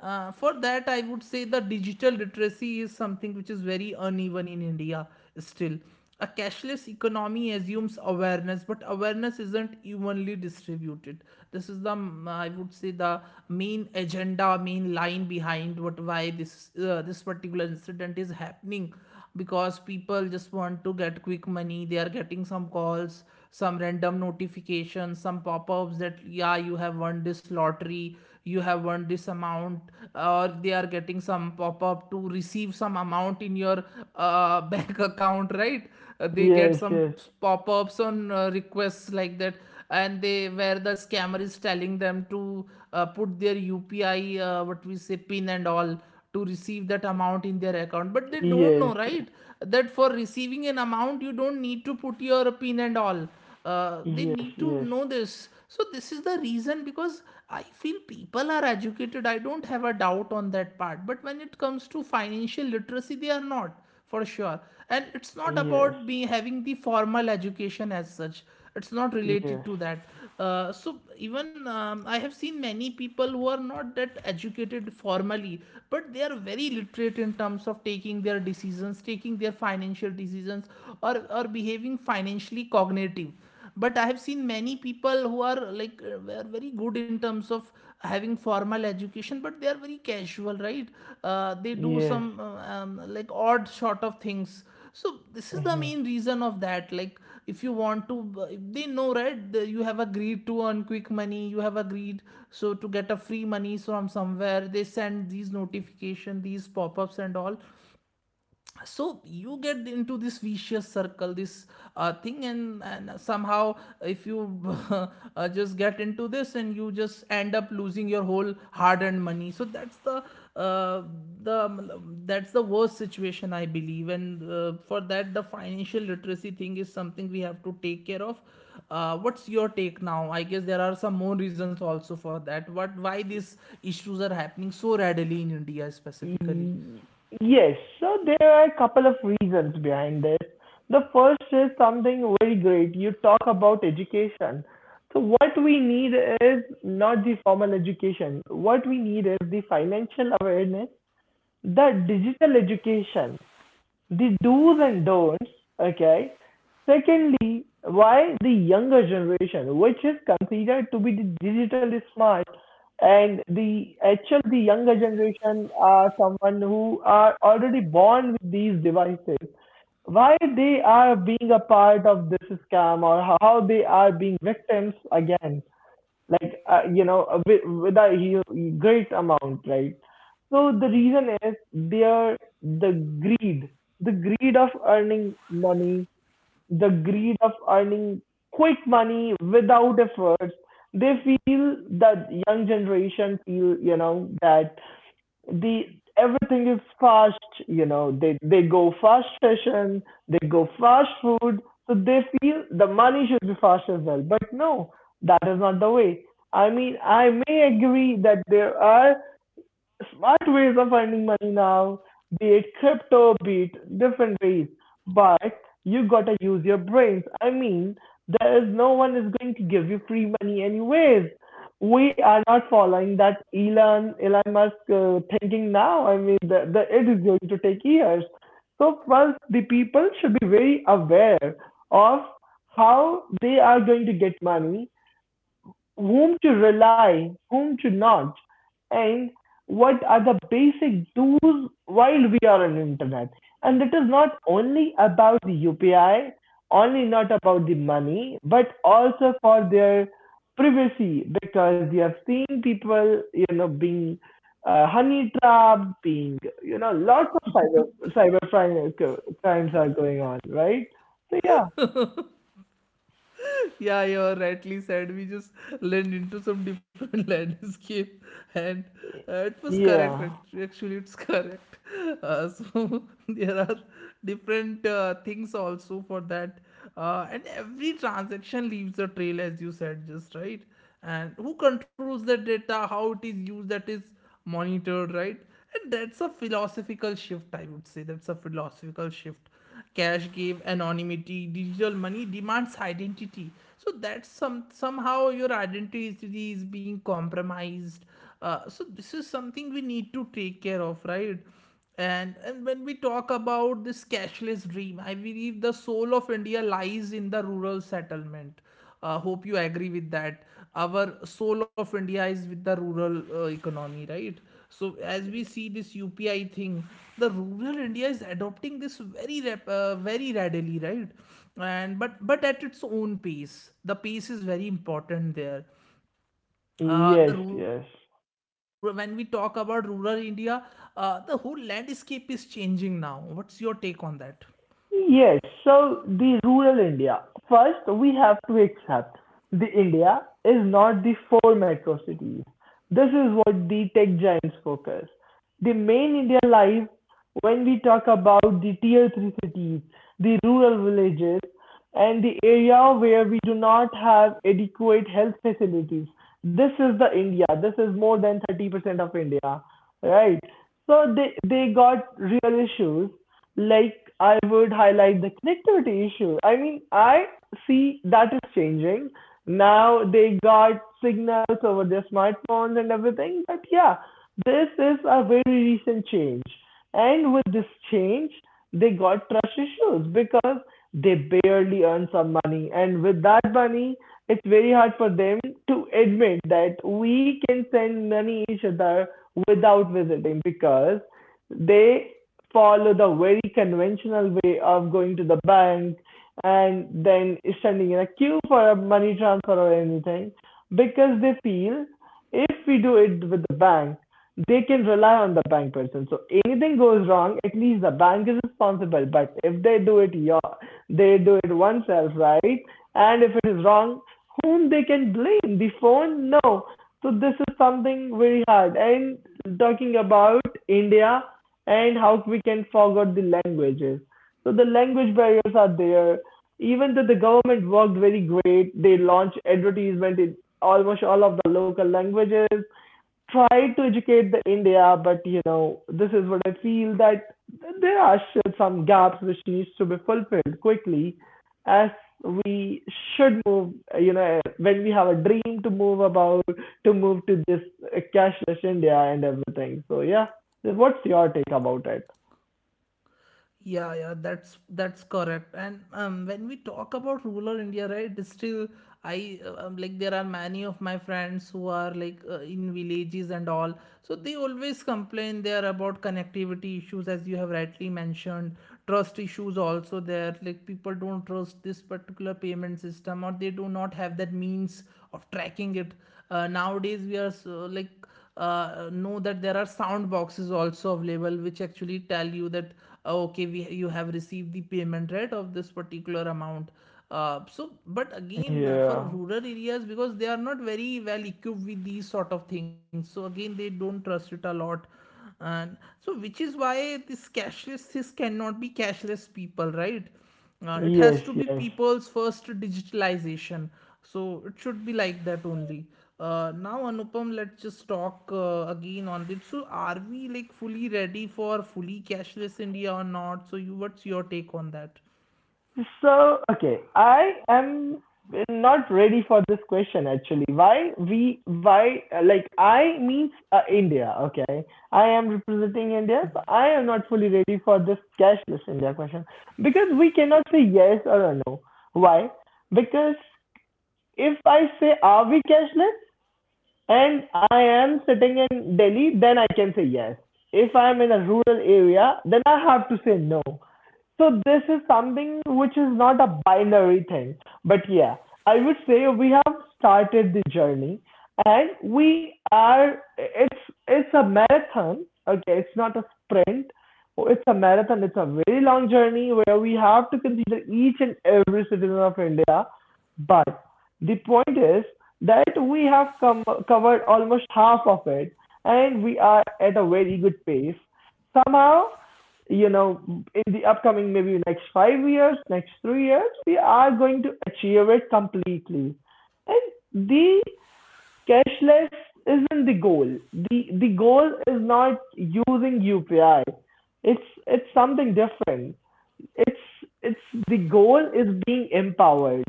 [SPEAKER 1] uh, For that I would say the digital literacy is something which is very uneven in India still. A cashless economy assumes awareness, but awareness isn't evenly distributed. This is the mm, I would say the main agenda, main line behind what why this uh, this particular incident is happening, because people just want to get quick money. They are getting some calls, some random notifications, some pop-ups that yeah, you have won this lottery, you have won this amount, or they are getting some pop-up to receive some amount in your uh, (laughs) bank account, right? Uh, they get
[SPEAKER 2] Yes,
[SPEAKER 1] some
[SPEAKER 2] yes,
[SPEAKER 1] pop-ups on uh, requests like that, and they, where the scammer is telling them to uh, put their upi uh, what we say, pin and all, to receive that amount in their account, but they don't know,
[SPEAKER 2] yes,
[SPEAKER 1] right? That for receiving an amount, you don't need to put your pin and all. Uh, they
[SPEAKER 2] yes,
[SPEAKER 1] need to
[SPEAKER 2] yes,
[SPEAKER 1] know this, so this is the reason because I feel people are educated. I don't have a doubt on that part, but when it comes to financial literacy, they are not, for sure. And it's not
[SPEAKER 2] yes,
[SPEAKER 1] about me having the formal education as such, it's not related
[SPEAKER 2] yes,
[SPEAKER 1] to that. Uh, so even um, I have seen many people who are not that educated formally, but they are very literate in terms of taking their decisions, taking their financial decisions, or or behaving financially cognitive. But I have seen many people who are like uh, were very good in terms of having formal education, but they are very casual, right? Uh, they do
[SPEAKER 2] yes,
[SPEAKER 1] some uh, um, like odd sort of things. So this is the main
[SPEAKER 2] yes.
[SPEAKER 1] reason of that, like if you want to uh, if they know, right? The, you have agreed to earn quick money, you have agreed. So to get a free money from somewhere, they send these notification, these pop-ups and all. So you get into this vicious circle, this uh, thing, and, and somehow if you (laughs) uh, just get into this, and you just end up losing your whole hard earned money. So that's the uh, the that's the worst situation, I believe. And uh, for that, the financial literacy thing is something we have to take care of. Uh, what's your take now? I guess there are some more reasons also for that, what why these issues are happening so readily in India specifically.
[SPEAKER 2] Mm, Yes, so there are a couple of reasons behind this. The first is something very great. You talk about education. So, what we need is not the formal education. What we need is the financial awareness, the digital education, the do's and don'ts, okay? Secondly, why the younger generation, which is considered to be the digitally smart, and the actual, the younger generation are someone who are already born with these devices. Why they are being a part of this scam, or how they are being victims again? Like, uh, you know uh, with, with a hu- great amount, right? So the reason is there, the greed, the greed of earning money, the greed of earning quick money without efforts. They feel, that young generation feel, you know that, the everything is fast. you know they they go fast fashion, they go fast food, so they feel the money should be fast as well. But no, that is not the way. I mean, I may agree that there are smart ways of earning money now, be it crypto, be it different ways. But you gotta use your brains. I mean, there is no one is going to give you free money anyways. We are not following that Elon Elon Musk uh, thinking now. I mean, the, the, it is going to take years. So first, the people should be very aware of how they are going to get money, whom to rely, whom to not, and what are the basic do's while we are on internet. And it is not only about the U P I, only not about the money, but also for their privacy because we have seen people, you know, being uh, honey trapped, being, you know, lots of cyber cyber crime- crimes are going on, right? So yeah,
[SPEAKER 1] Yeah, you're rightly said. We just led into some different (laughs) landscape, and uh, it was correct.
[SPEAKER 2] yeah,
[SPEAKER 1] act- Actually, it's (laughs) correct. Uh, so (laughs) there are different uh, things also for that, uh, and every transaction leaves a trail, as you said, just right. And who controls that data? How it is used? That is monitored, right? And that's a philosophical shift. I would say that's a philosophical shift. Cash gave anonymity. Digital money demands identity. So that's some, somehow your identity is being compromised. Uh, so this is something we need to take care of, right? And and when we talk about this cashless dream, I believe the soul of India lies in the rural settlement. Uh, hope you agree with that. Our soul of India is with the rural uh, economy, right? So as we see this UPI thing, the rural India is adopting this very rap- uh, very readily, right? And but but at its own pace. The pace is very important there. Uh,
[SPEAKER 2] yes,
[SPEAKER 1] the rural,
[SPEAKER 2] yes.
[SPEAKER 1] when we talk about rural India, uh, the whole landscape is changing now. What's your take on that?
[SPEAKER 2] Yes, so the rural India. First, we have to accept the India is not the four metro cities. This is what the tech giants focus. The main India lies when we talk about the tier three cities, the rural villages, and the area where we do not have adequate health facilities. This is the India. This is more than thirty percent of India, right? So they they got real issues like I would highlight the connectivity issue. I mean, I see that is changing. Now they got signals over their smartphones and everything. But yeah, this is a very recent change. And with this change, they got trust issues because they barely earn some money. And with that money, it's very hard for them to admit that we can send money each other without visiting because they follow the very conventional way of going to the bank and then standing in a queue for a money transfer or anything because they feel if we do it with the bank, they can rely on the bank person. So anything goes wrong, at least the bank is responsible. But if they do it, your, they do it oneself, right? And if it is wrong, whom they can blame? The phone? No. So this is something very hard. And talking about India, and how we can forget the languages. So the language barriers are there. Even though the government worked very great, they launched advertisement in almost all of the local languages try to educate the India, but you know, this is what I feel that there are still some gaps which needs to be fulfilled quickly as we should move you know when we have a dream to move about to move to this uh, cashless India and everything. So yeah, what's your take about it?
[SPEAKER 1] Yeah, yeah, that's that's correct. And um, when we talk about rural India, right, it's still I uh, um, like, there are many of my friends who are like uh, in villages and all. So they always complain there about connectivity issues, as you have rightly mentioned. Trust issues also there. Like, people don't trust this particular payment system, or they do not have that means of tracking it. Uh, nowadays, we are so, like uh, know that there are sound boxes also available which actually tell you that oh, okay, we, you have received the payment, right, of this particular amount. Uh, so but again, uh, for
[SPEAKER 2] Yeah,
[SPEAKER 1] rural areas, because they are not very well equipped with these sort of things, so again, they don't trust it a lot. And so which is why this cashless, this cannot be cashless people, right? Uh, it has
[SPEAKER 2] yes,
[SPEAKER 1] to be
[SPEAKER 2] yes.
[SPEAKER 1] people's first digitalization. So it should be like that only. Uh, now, Anupam, let's just talk uh, again on this. So, are we like fully ready for fully cashless India or not? So, you, what's your take on that?
[SPEAKER 2] So, okay, I am not ready for this question actually. Why we why uh, Like I means uh, India, okay? I am representing India, so I am not fully ready for this cashless India question because we cannot say yes or a no. Why? Because if I say are we cashless, and I am sitting in Delhi, then I can say yes. If I'm in a rural area, then I have to say no. So this is something which is not a binary thing. But yeah, I would say we have started the journey and we are it's it's a marathon. Okay, it's not a sprint. It's a marathon. It's a very long journey where we have to consider each and every citizen of India. But the point is that we have com- covered almost half of it and we are at a very good pace. Somehow, you know, in the upcoming maybe next five years, next three years, we are going to achieve it completely. And the cashless isn't the goal. The the goal is not using U P I. It's it's something different, it's it's the goal is being empowered,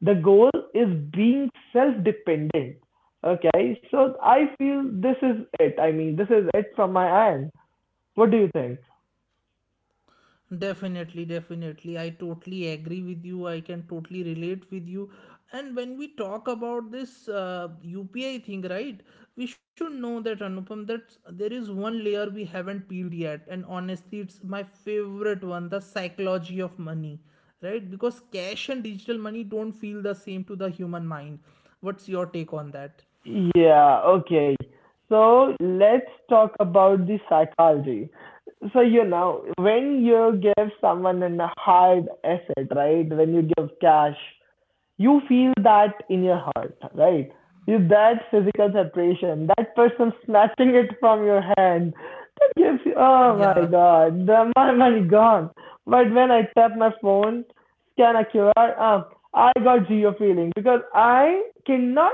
[SPEAKER 2] the goal is being self dependent. Okay, so I feel this is it. I mean, this is it from my end. What do you think?
[SPEAKER 1] Definitely, definitely. I totally agree with you. I can totally relate with you. And when we talk about this uh, U P I thing, right, we should know that, Anupam, that there is one layer we haven't peeled yet. And honestly, it's my favorite one, the psychology of money, right? Because cash and digital money don't feel the same to the human mind. What's your take on that?
[SPEAKER 2] Yeah, okay, so let's talk about the psychology. So you know, when you give someone an hard asset, right, when you give cash, you feel that in your heart, right? You, that physical separation, that person snatching it from your hand, that gives you, oh
[SPEAKER 1] Yeah.
[SPEAKER 2] my god, the, my money gone. But when I tap my phone, scan a Q R, uh, I got geo feeling because I cannot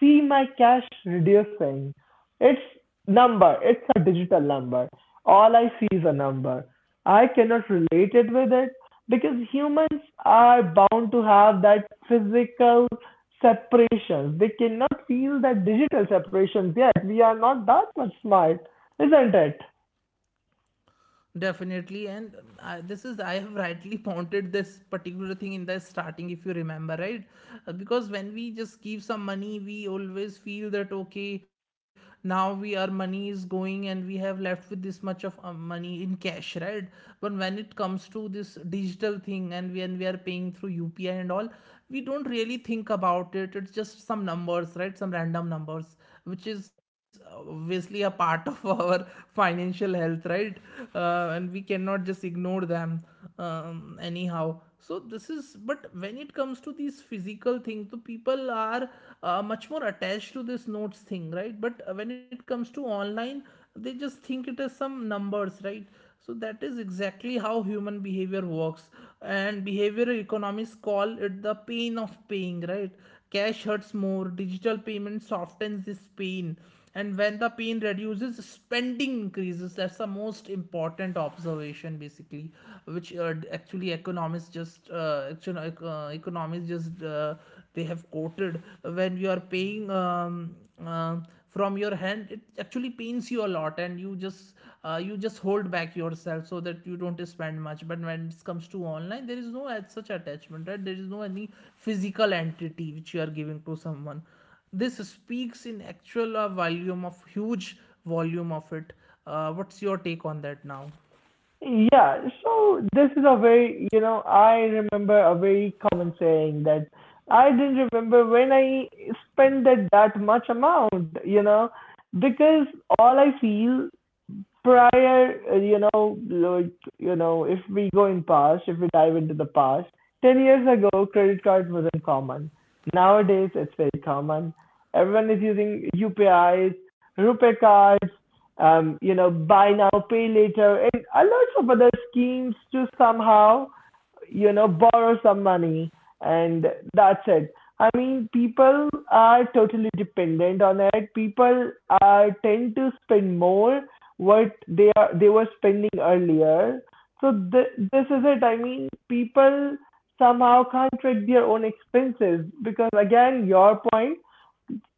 [SPEAKER 2] see my cash reducing. It's number, it's a digital number. All I see is a number. I cannot relate it with it because humans are bound to have that physical separation. They cannot feel that digital separations yet. We are not that much smart, isn't it?
[SPEAKER 1] Definitely, and I, this is, I have rightly pointed this particular thing in the starting, if you remember, right? Uh, because when we just give some money, we always feel that okay, now we, our money is going, and we have left with this much of uh, money in cash, right? But when it comes to this digital thing, and when we are paying through U P I and all, we don't really think about it. It's just some numbers, right? Some random numbers, which is obviously a part of (laughs) our financial health, right? Uh, uh, and we cannot just ignore them, um, anyhow. So this is, but when it comes to these physical things, the people are uh, much more attached to this notes thing, right? But uh, when it comes to online, they just think it is some numbers, right? So that is exactly how human behavior works. And behavioral economists call it the pain of paying, right? Cash hurts more. Digital payment softens this pain. And when the pain reduces, spending increases. That's the most important observation, basically, which uh, actually economists just uh, actually, uh, economists just uh, they have quoted, when you are paying, um, uh, from your hand, it actually pains you a lot, and you just uh, you just hold back yourself so that you don't spend much. But when it comes to online, there is no such attachment, right? There is no any physical entity which you are giving to someone. This speaks in actual uh, volume of huge volume of it. Uh, what's your take on that now?
[SPEAKER 2] Yeah, so this is a very, you know, I remember a very common saying that I didn't remember when I spent that, that much amount, you know, because all I feel prior, uh, you know, like, you know, if we go in past, if we dive into the past, ten years ago, credit card wasn't common. Nowadays, it's very common. Everyone is using U P Is, Rupee cards, um, you know, buy now, pay later, and a lot of other schemes to somehow you know, borrow some money and that's it. I mean, people are totally dependent on it. People are tend to spend more what they are they were spending earlier. So th- this is it. I mean, people somehow can't track their own expenses because again, your point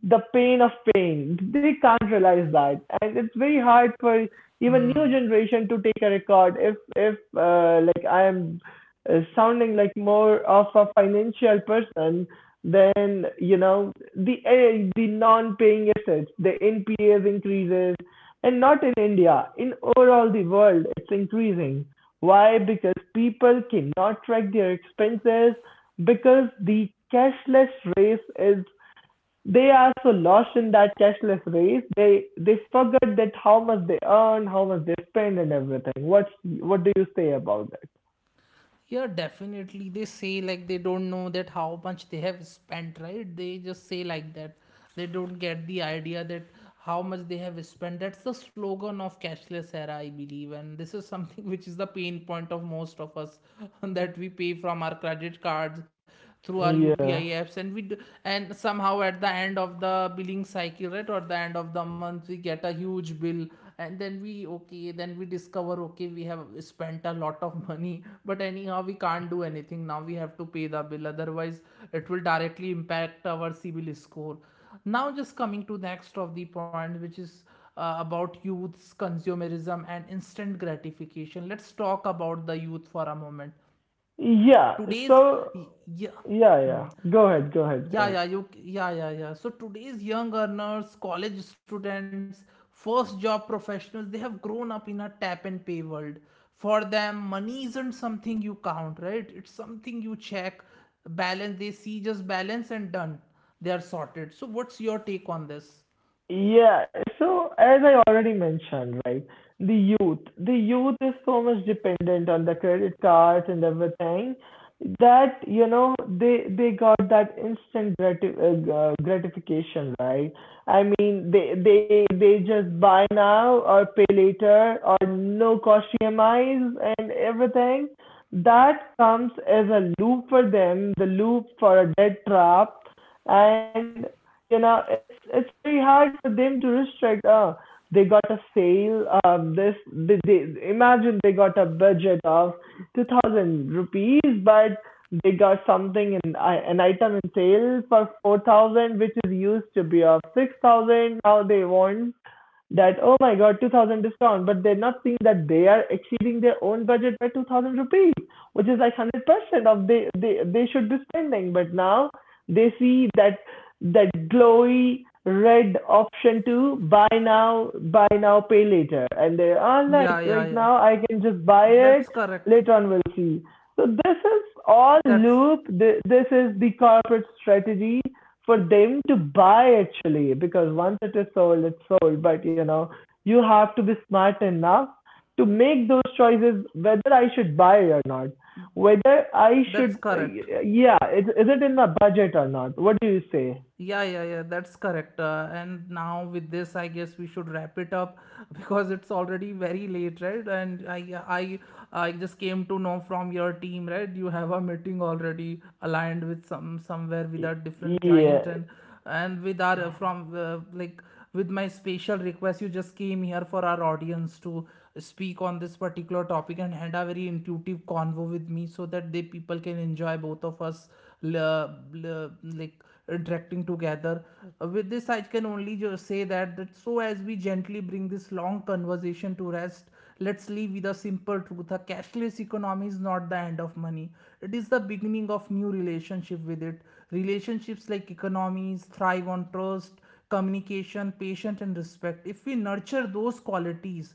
[SPEAKER 2] the pain of pain. They can't realize that, and it's very hard for even new
[SPEAKER 1] Hmm.
[SPEAKER 2] generation to take a record. If if uh, Like I am uh, sounding like more of a financial person, then you know the uh, the non-paying assets, the N P As increases, and not in India, in overall the world, it's increasing. Why? Because people cannot track their expenses because the cashless race is they are so lost in that cashless race, they they forget that how much they earn, how much they spend, and everything. What what do you say about that?
[SPEAKER 1] Yeah, definitely. They say like they don't know that how much they have spent, right? They just say like that. They don't get the idea that how much they have spent. That's the slogan of cashless era, I believe. And this is something (laughs) which is the pain point of most of us (laughs) that we pay from our credit cards through our U P I
[SPEAKER 2] Yeah,
[SPEAKER 1] apps, and we do, and somehow at the end of the billing cycle, right, or the end of the month, we get a huge bill. And then we, okay, then we discover, okay, we have spent a lot of money, but anyhow, we can't do anything now. We have to pay the bill, otherwise it will directly impact our civil score. Now, just coming to the next of the point, which is uh, about youth's consumerism and instant gratification. Let's talk about the youth for a moment.
[SPEAKER 2] yeah.
[SPEAKER 1] Today's
[SPEAKER 2] So
[SPEAKER 1] yeah.
[SPEAKER 2] yeah,
[SPEAKER 1] hmm,
[SPEAKER 2] yeah. Go
[SPEAKER 1] uh,
[SPEAKER 2] ahead, go ahead, go
[SPEAKER 1] yeah,
[SPEAKER 2] ahead.
[SPEAKER 1] yeah you yeah yeah yeah so today's young earners, college students, first job professionals, they have grown up in a tap and pay world. For them, money isn't something you count, right? It's something you check. Balance, they see just balance and done. They are sorted. So what's your take on this?
[SPEAKER 2] Yeah, so as I already mentioned, right, the youth, the youth is so much dependent on the credit cards and everything that you know they they got that instant grati- uh, uh, gratification, right? I mean, they they they just buy now or pay later or no cost E M Is and everything. That comes as a loop for them, the loop for a debt trap, and you know, it's it's very hard for them to restrict. Oh, they got a sale. Um, this they, they imagine they got a budget of two thousand rupees, but they got something in an item in sale for four thousand, which is used to be of six thousand. Now they want that, oh my god, two thousand discount, but they're not seeing that they are exceeding their own budget by two thousand rupees, which is like one hundred percent of they, they, they should be spending. But now they see that, that glowy red option to buy now, buy now, pay later. And they are
[SPEAKER 1] yeah
[SPEAKER 2] like,
[SPEAKER 1] yeah
[SPEAKER 2] right
[SPEAKER 1] yeah
[SPEAKER 2] now I can just buy it,
[SPEAKER 1] that's correct
[SPEAKER 2] later on we'll see. So this is all
[SPEAKER 1] that's
[SPEAKER 2] loop. This is the corporate strategy for them to buy actually because once it is sold it's sold but you know you have to be smart enough to make those choices whether I should buy or not, whether I should
[SPEAKER 1] that's
[SPEAKER 2] uh,
[SPEAKER 1] correct.
[SPEAKER 2] yeah is, is it in the budget or not? What do you say?
[SPEAKER 1] Yeah, yeah, yeah, that's correct. Uh, and now with this, I guess we should wrap it up (laughs) because it's already very late, right? And I, I, I just came to know from your team, right? You have a meeting already aligned with some somewhere with a different
[SPEAKER 2] Yeah,
[SPEAKER 1] client, and and with our uh, from uh, like, with my special request, you just came here for our audience to speak on this particular topic and had a very intuitive convo with me, so that they people can enjoy both of us uh, uh, like interacting together. Uh, with this, I can only just say that, that so as we gently bring this long conversation to rest, let's leave with a simple truth. A cashless economy is not the end of money. It is the beginning of new relationship with it. Relationships, like economies, thrive on trust, communication, patience and respect. If we nurture those qualities,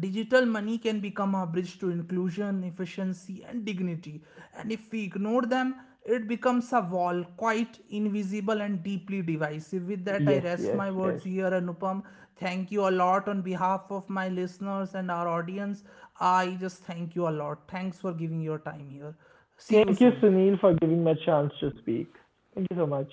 [SPEAKER 1] digital money can become a bridge to inclusion, efficiency, and dignity. And if we ignore them, it becomes a wall, quite
[SPEAKER 2] yes, yes,
[SPEAKER 1] invisible
[SPEAKER 2] yes.
[SPEAKER 1] and deeply divisive. With that, I rest my words here, Anupam. Thank you a lot on behalf of my listeners and our audience. I just thank you a lot. Thanks for giving your time here.
[SPEAKER 2] Thank
[SPEAKER 1] See
[SPEAKER 2] you
[SPEAKER 1] you soon.
[SPEAKER 2] Sunil for giving me a chance to speak. Thank you so much.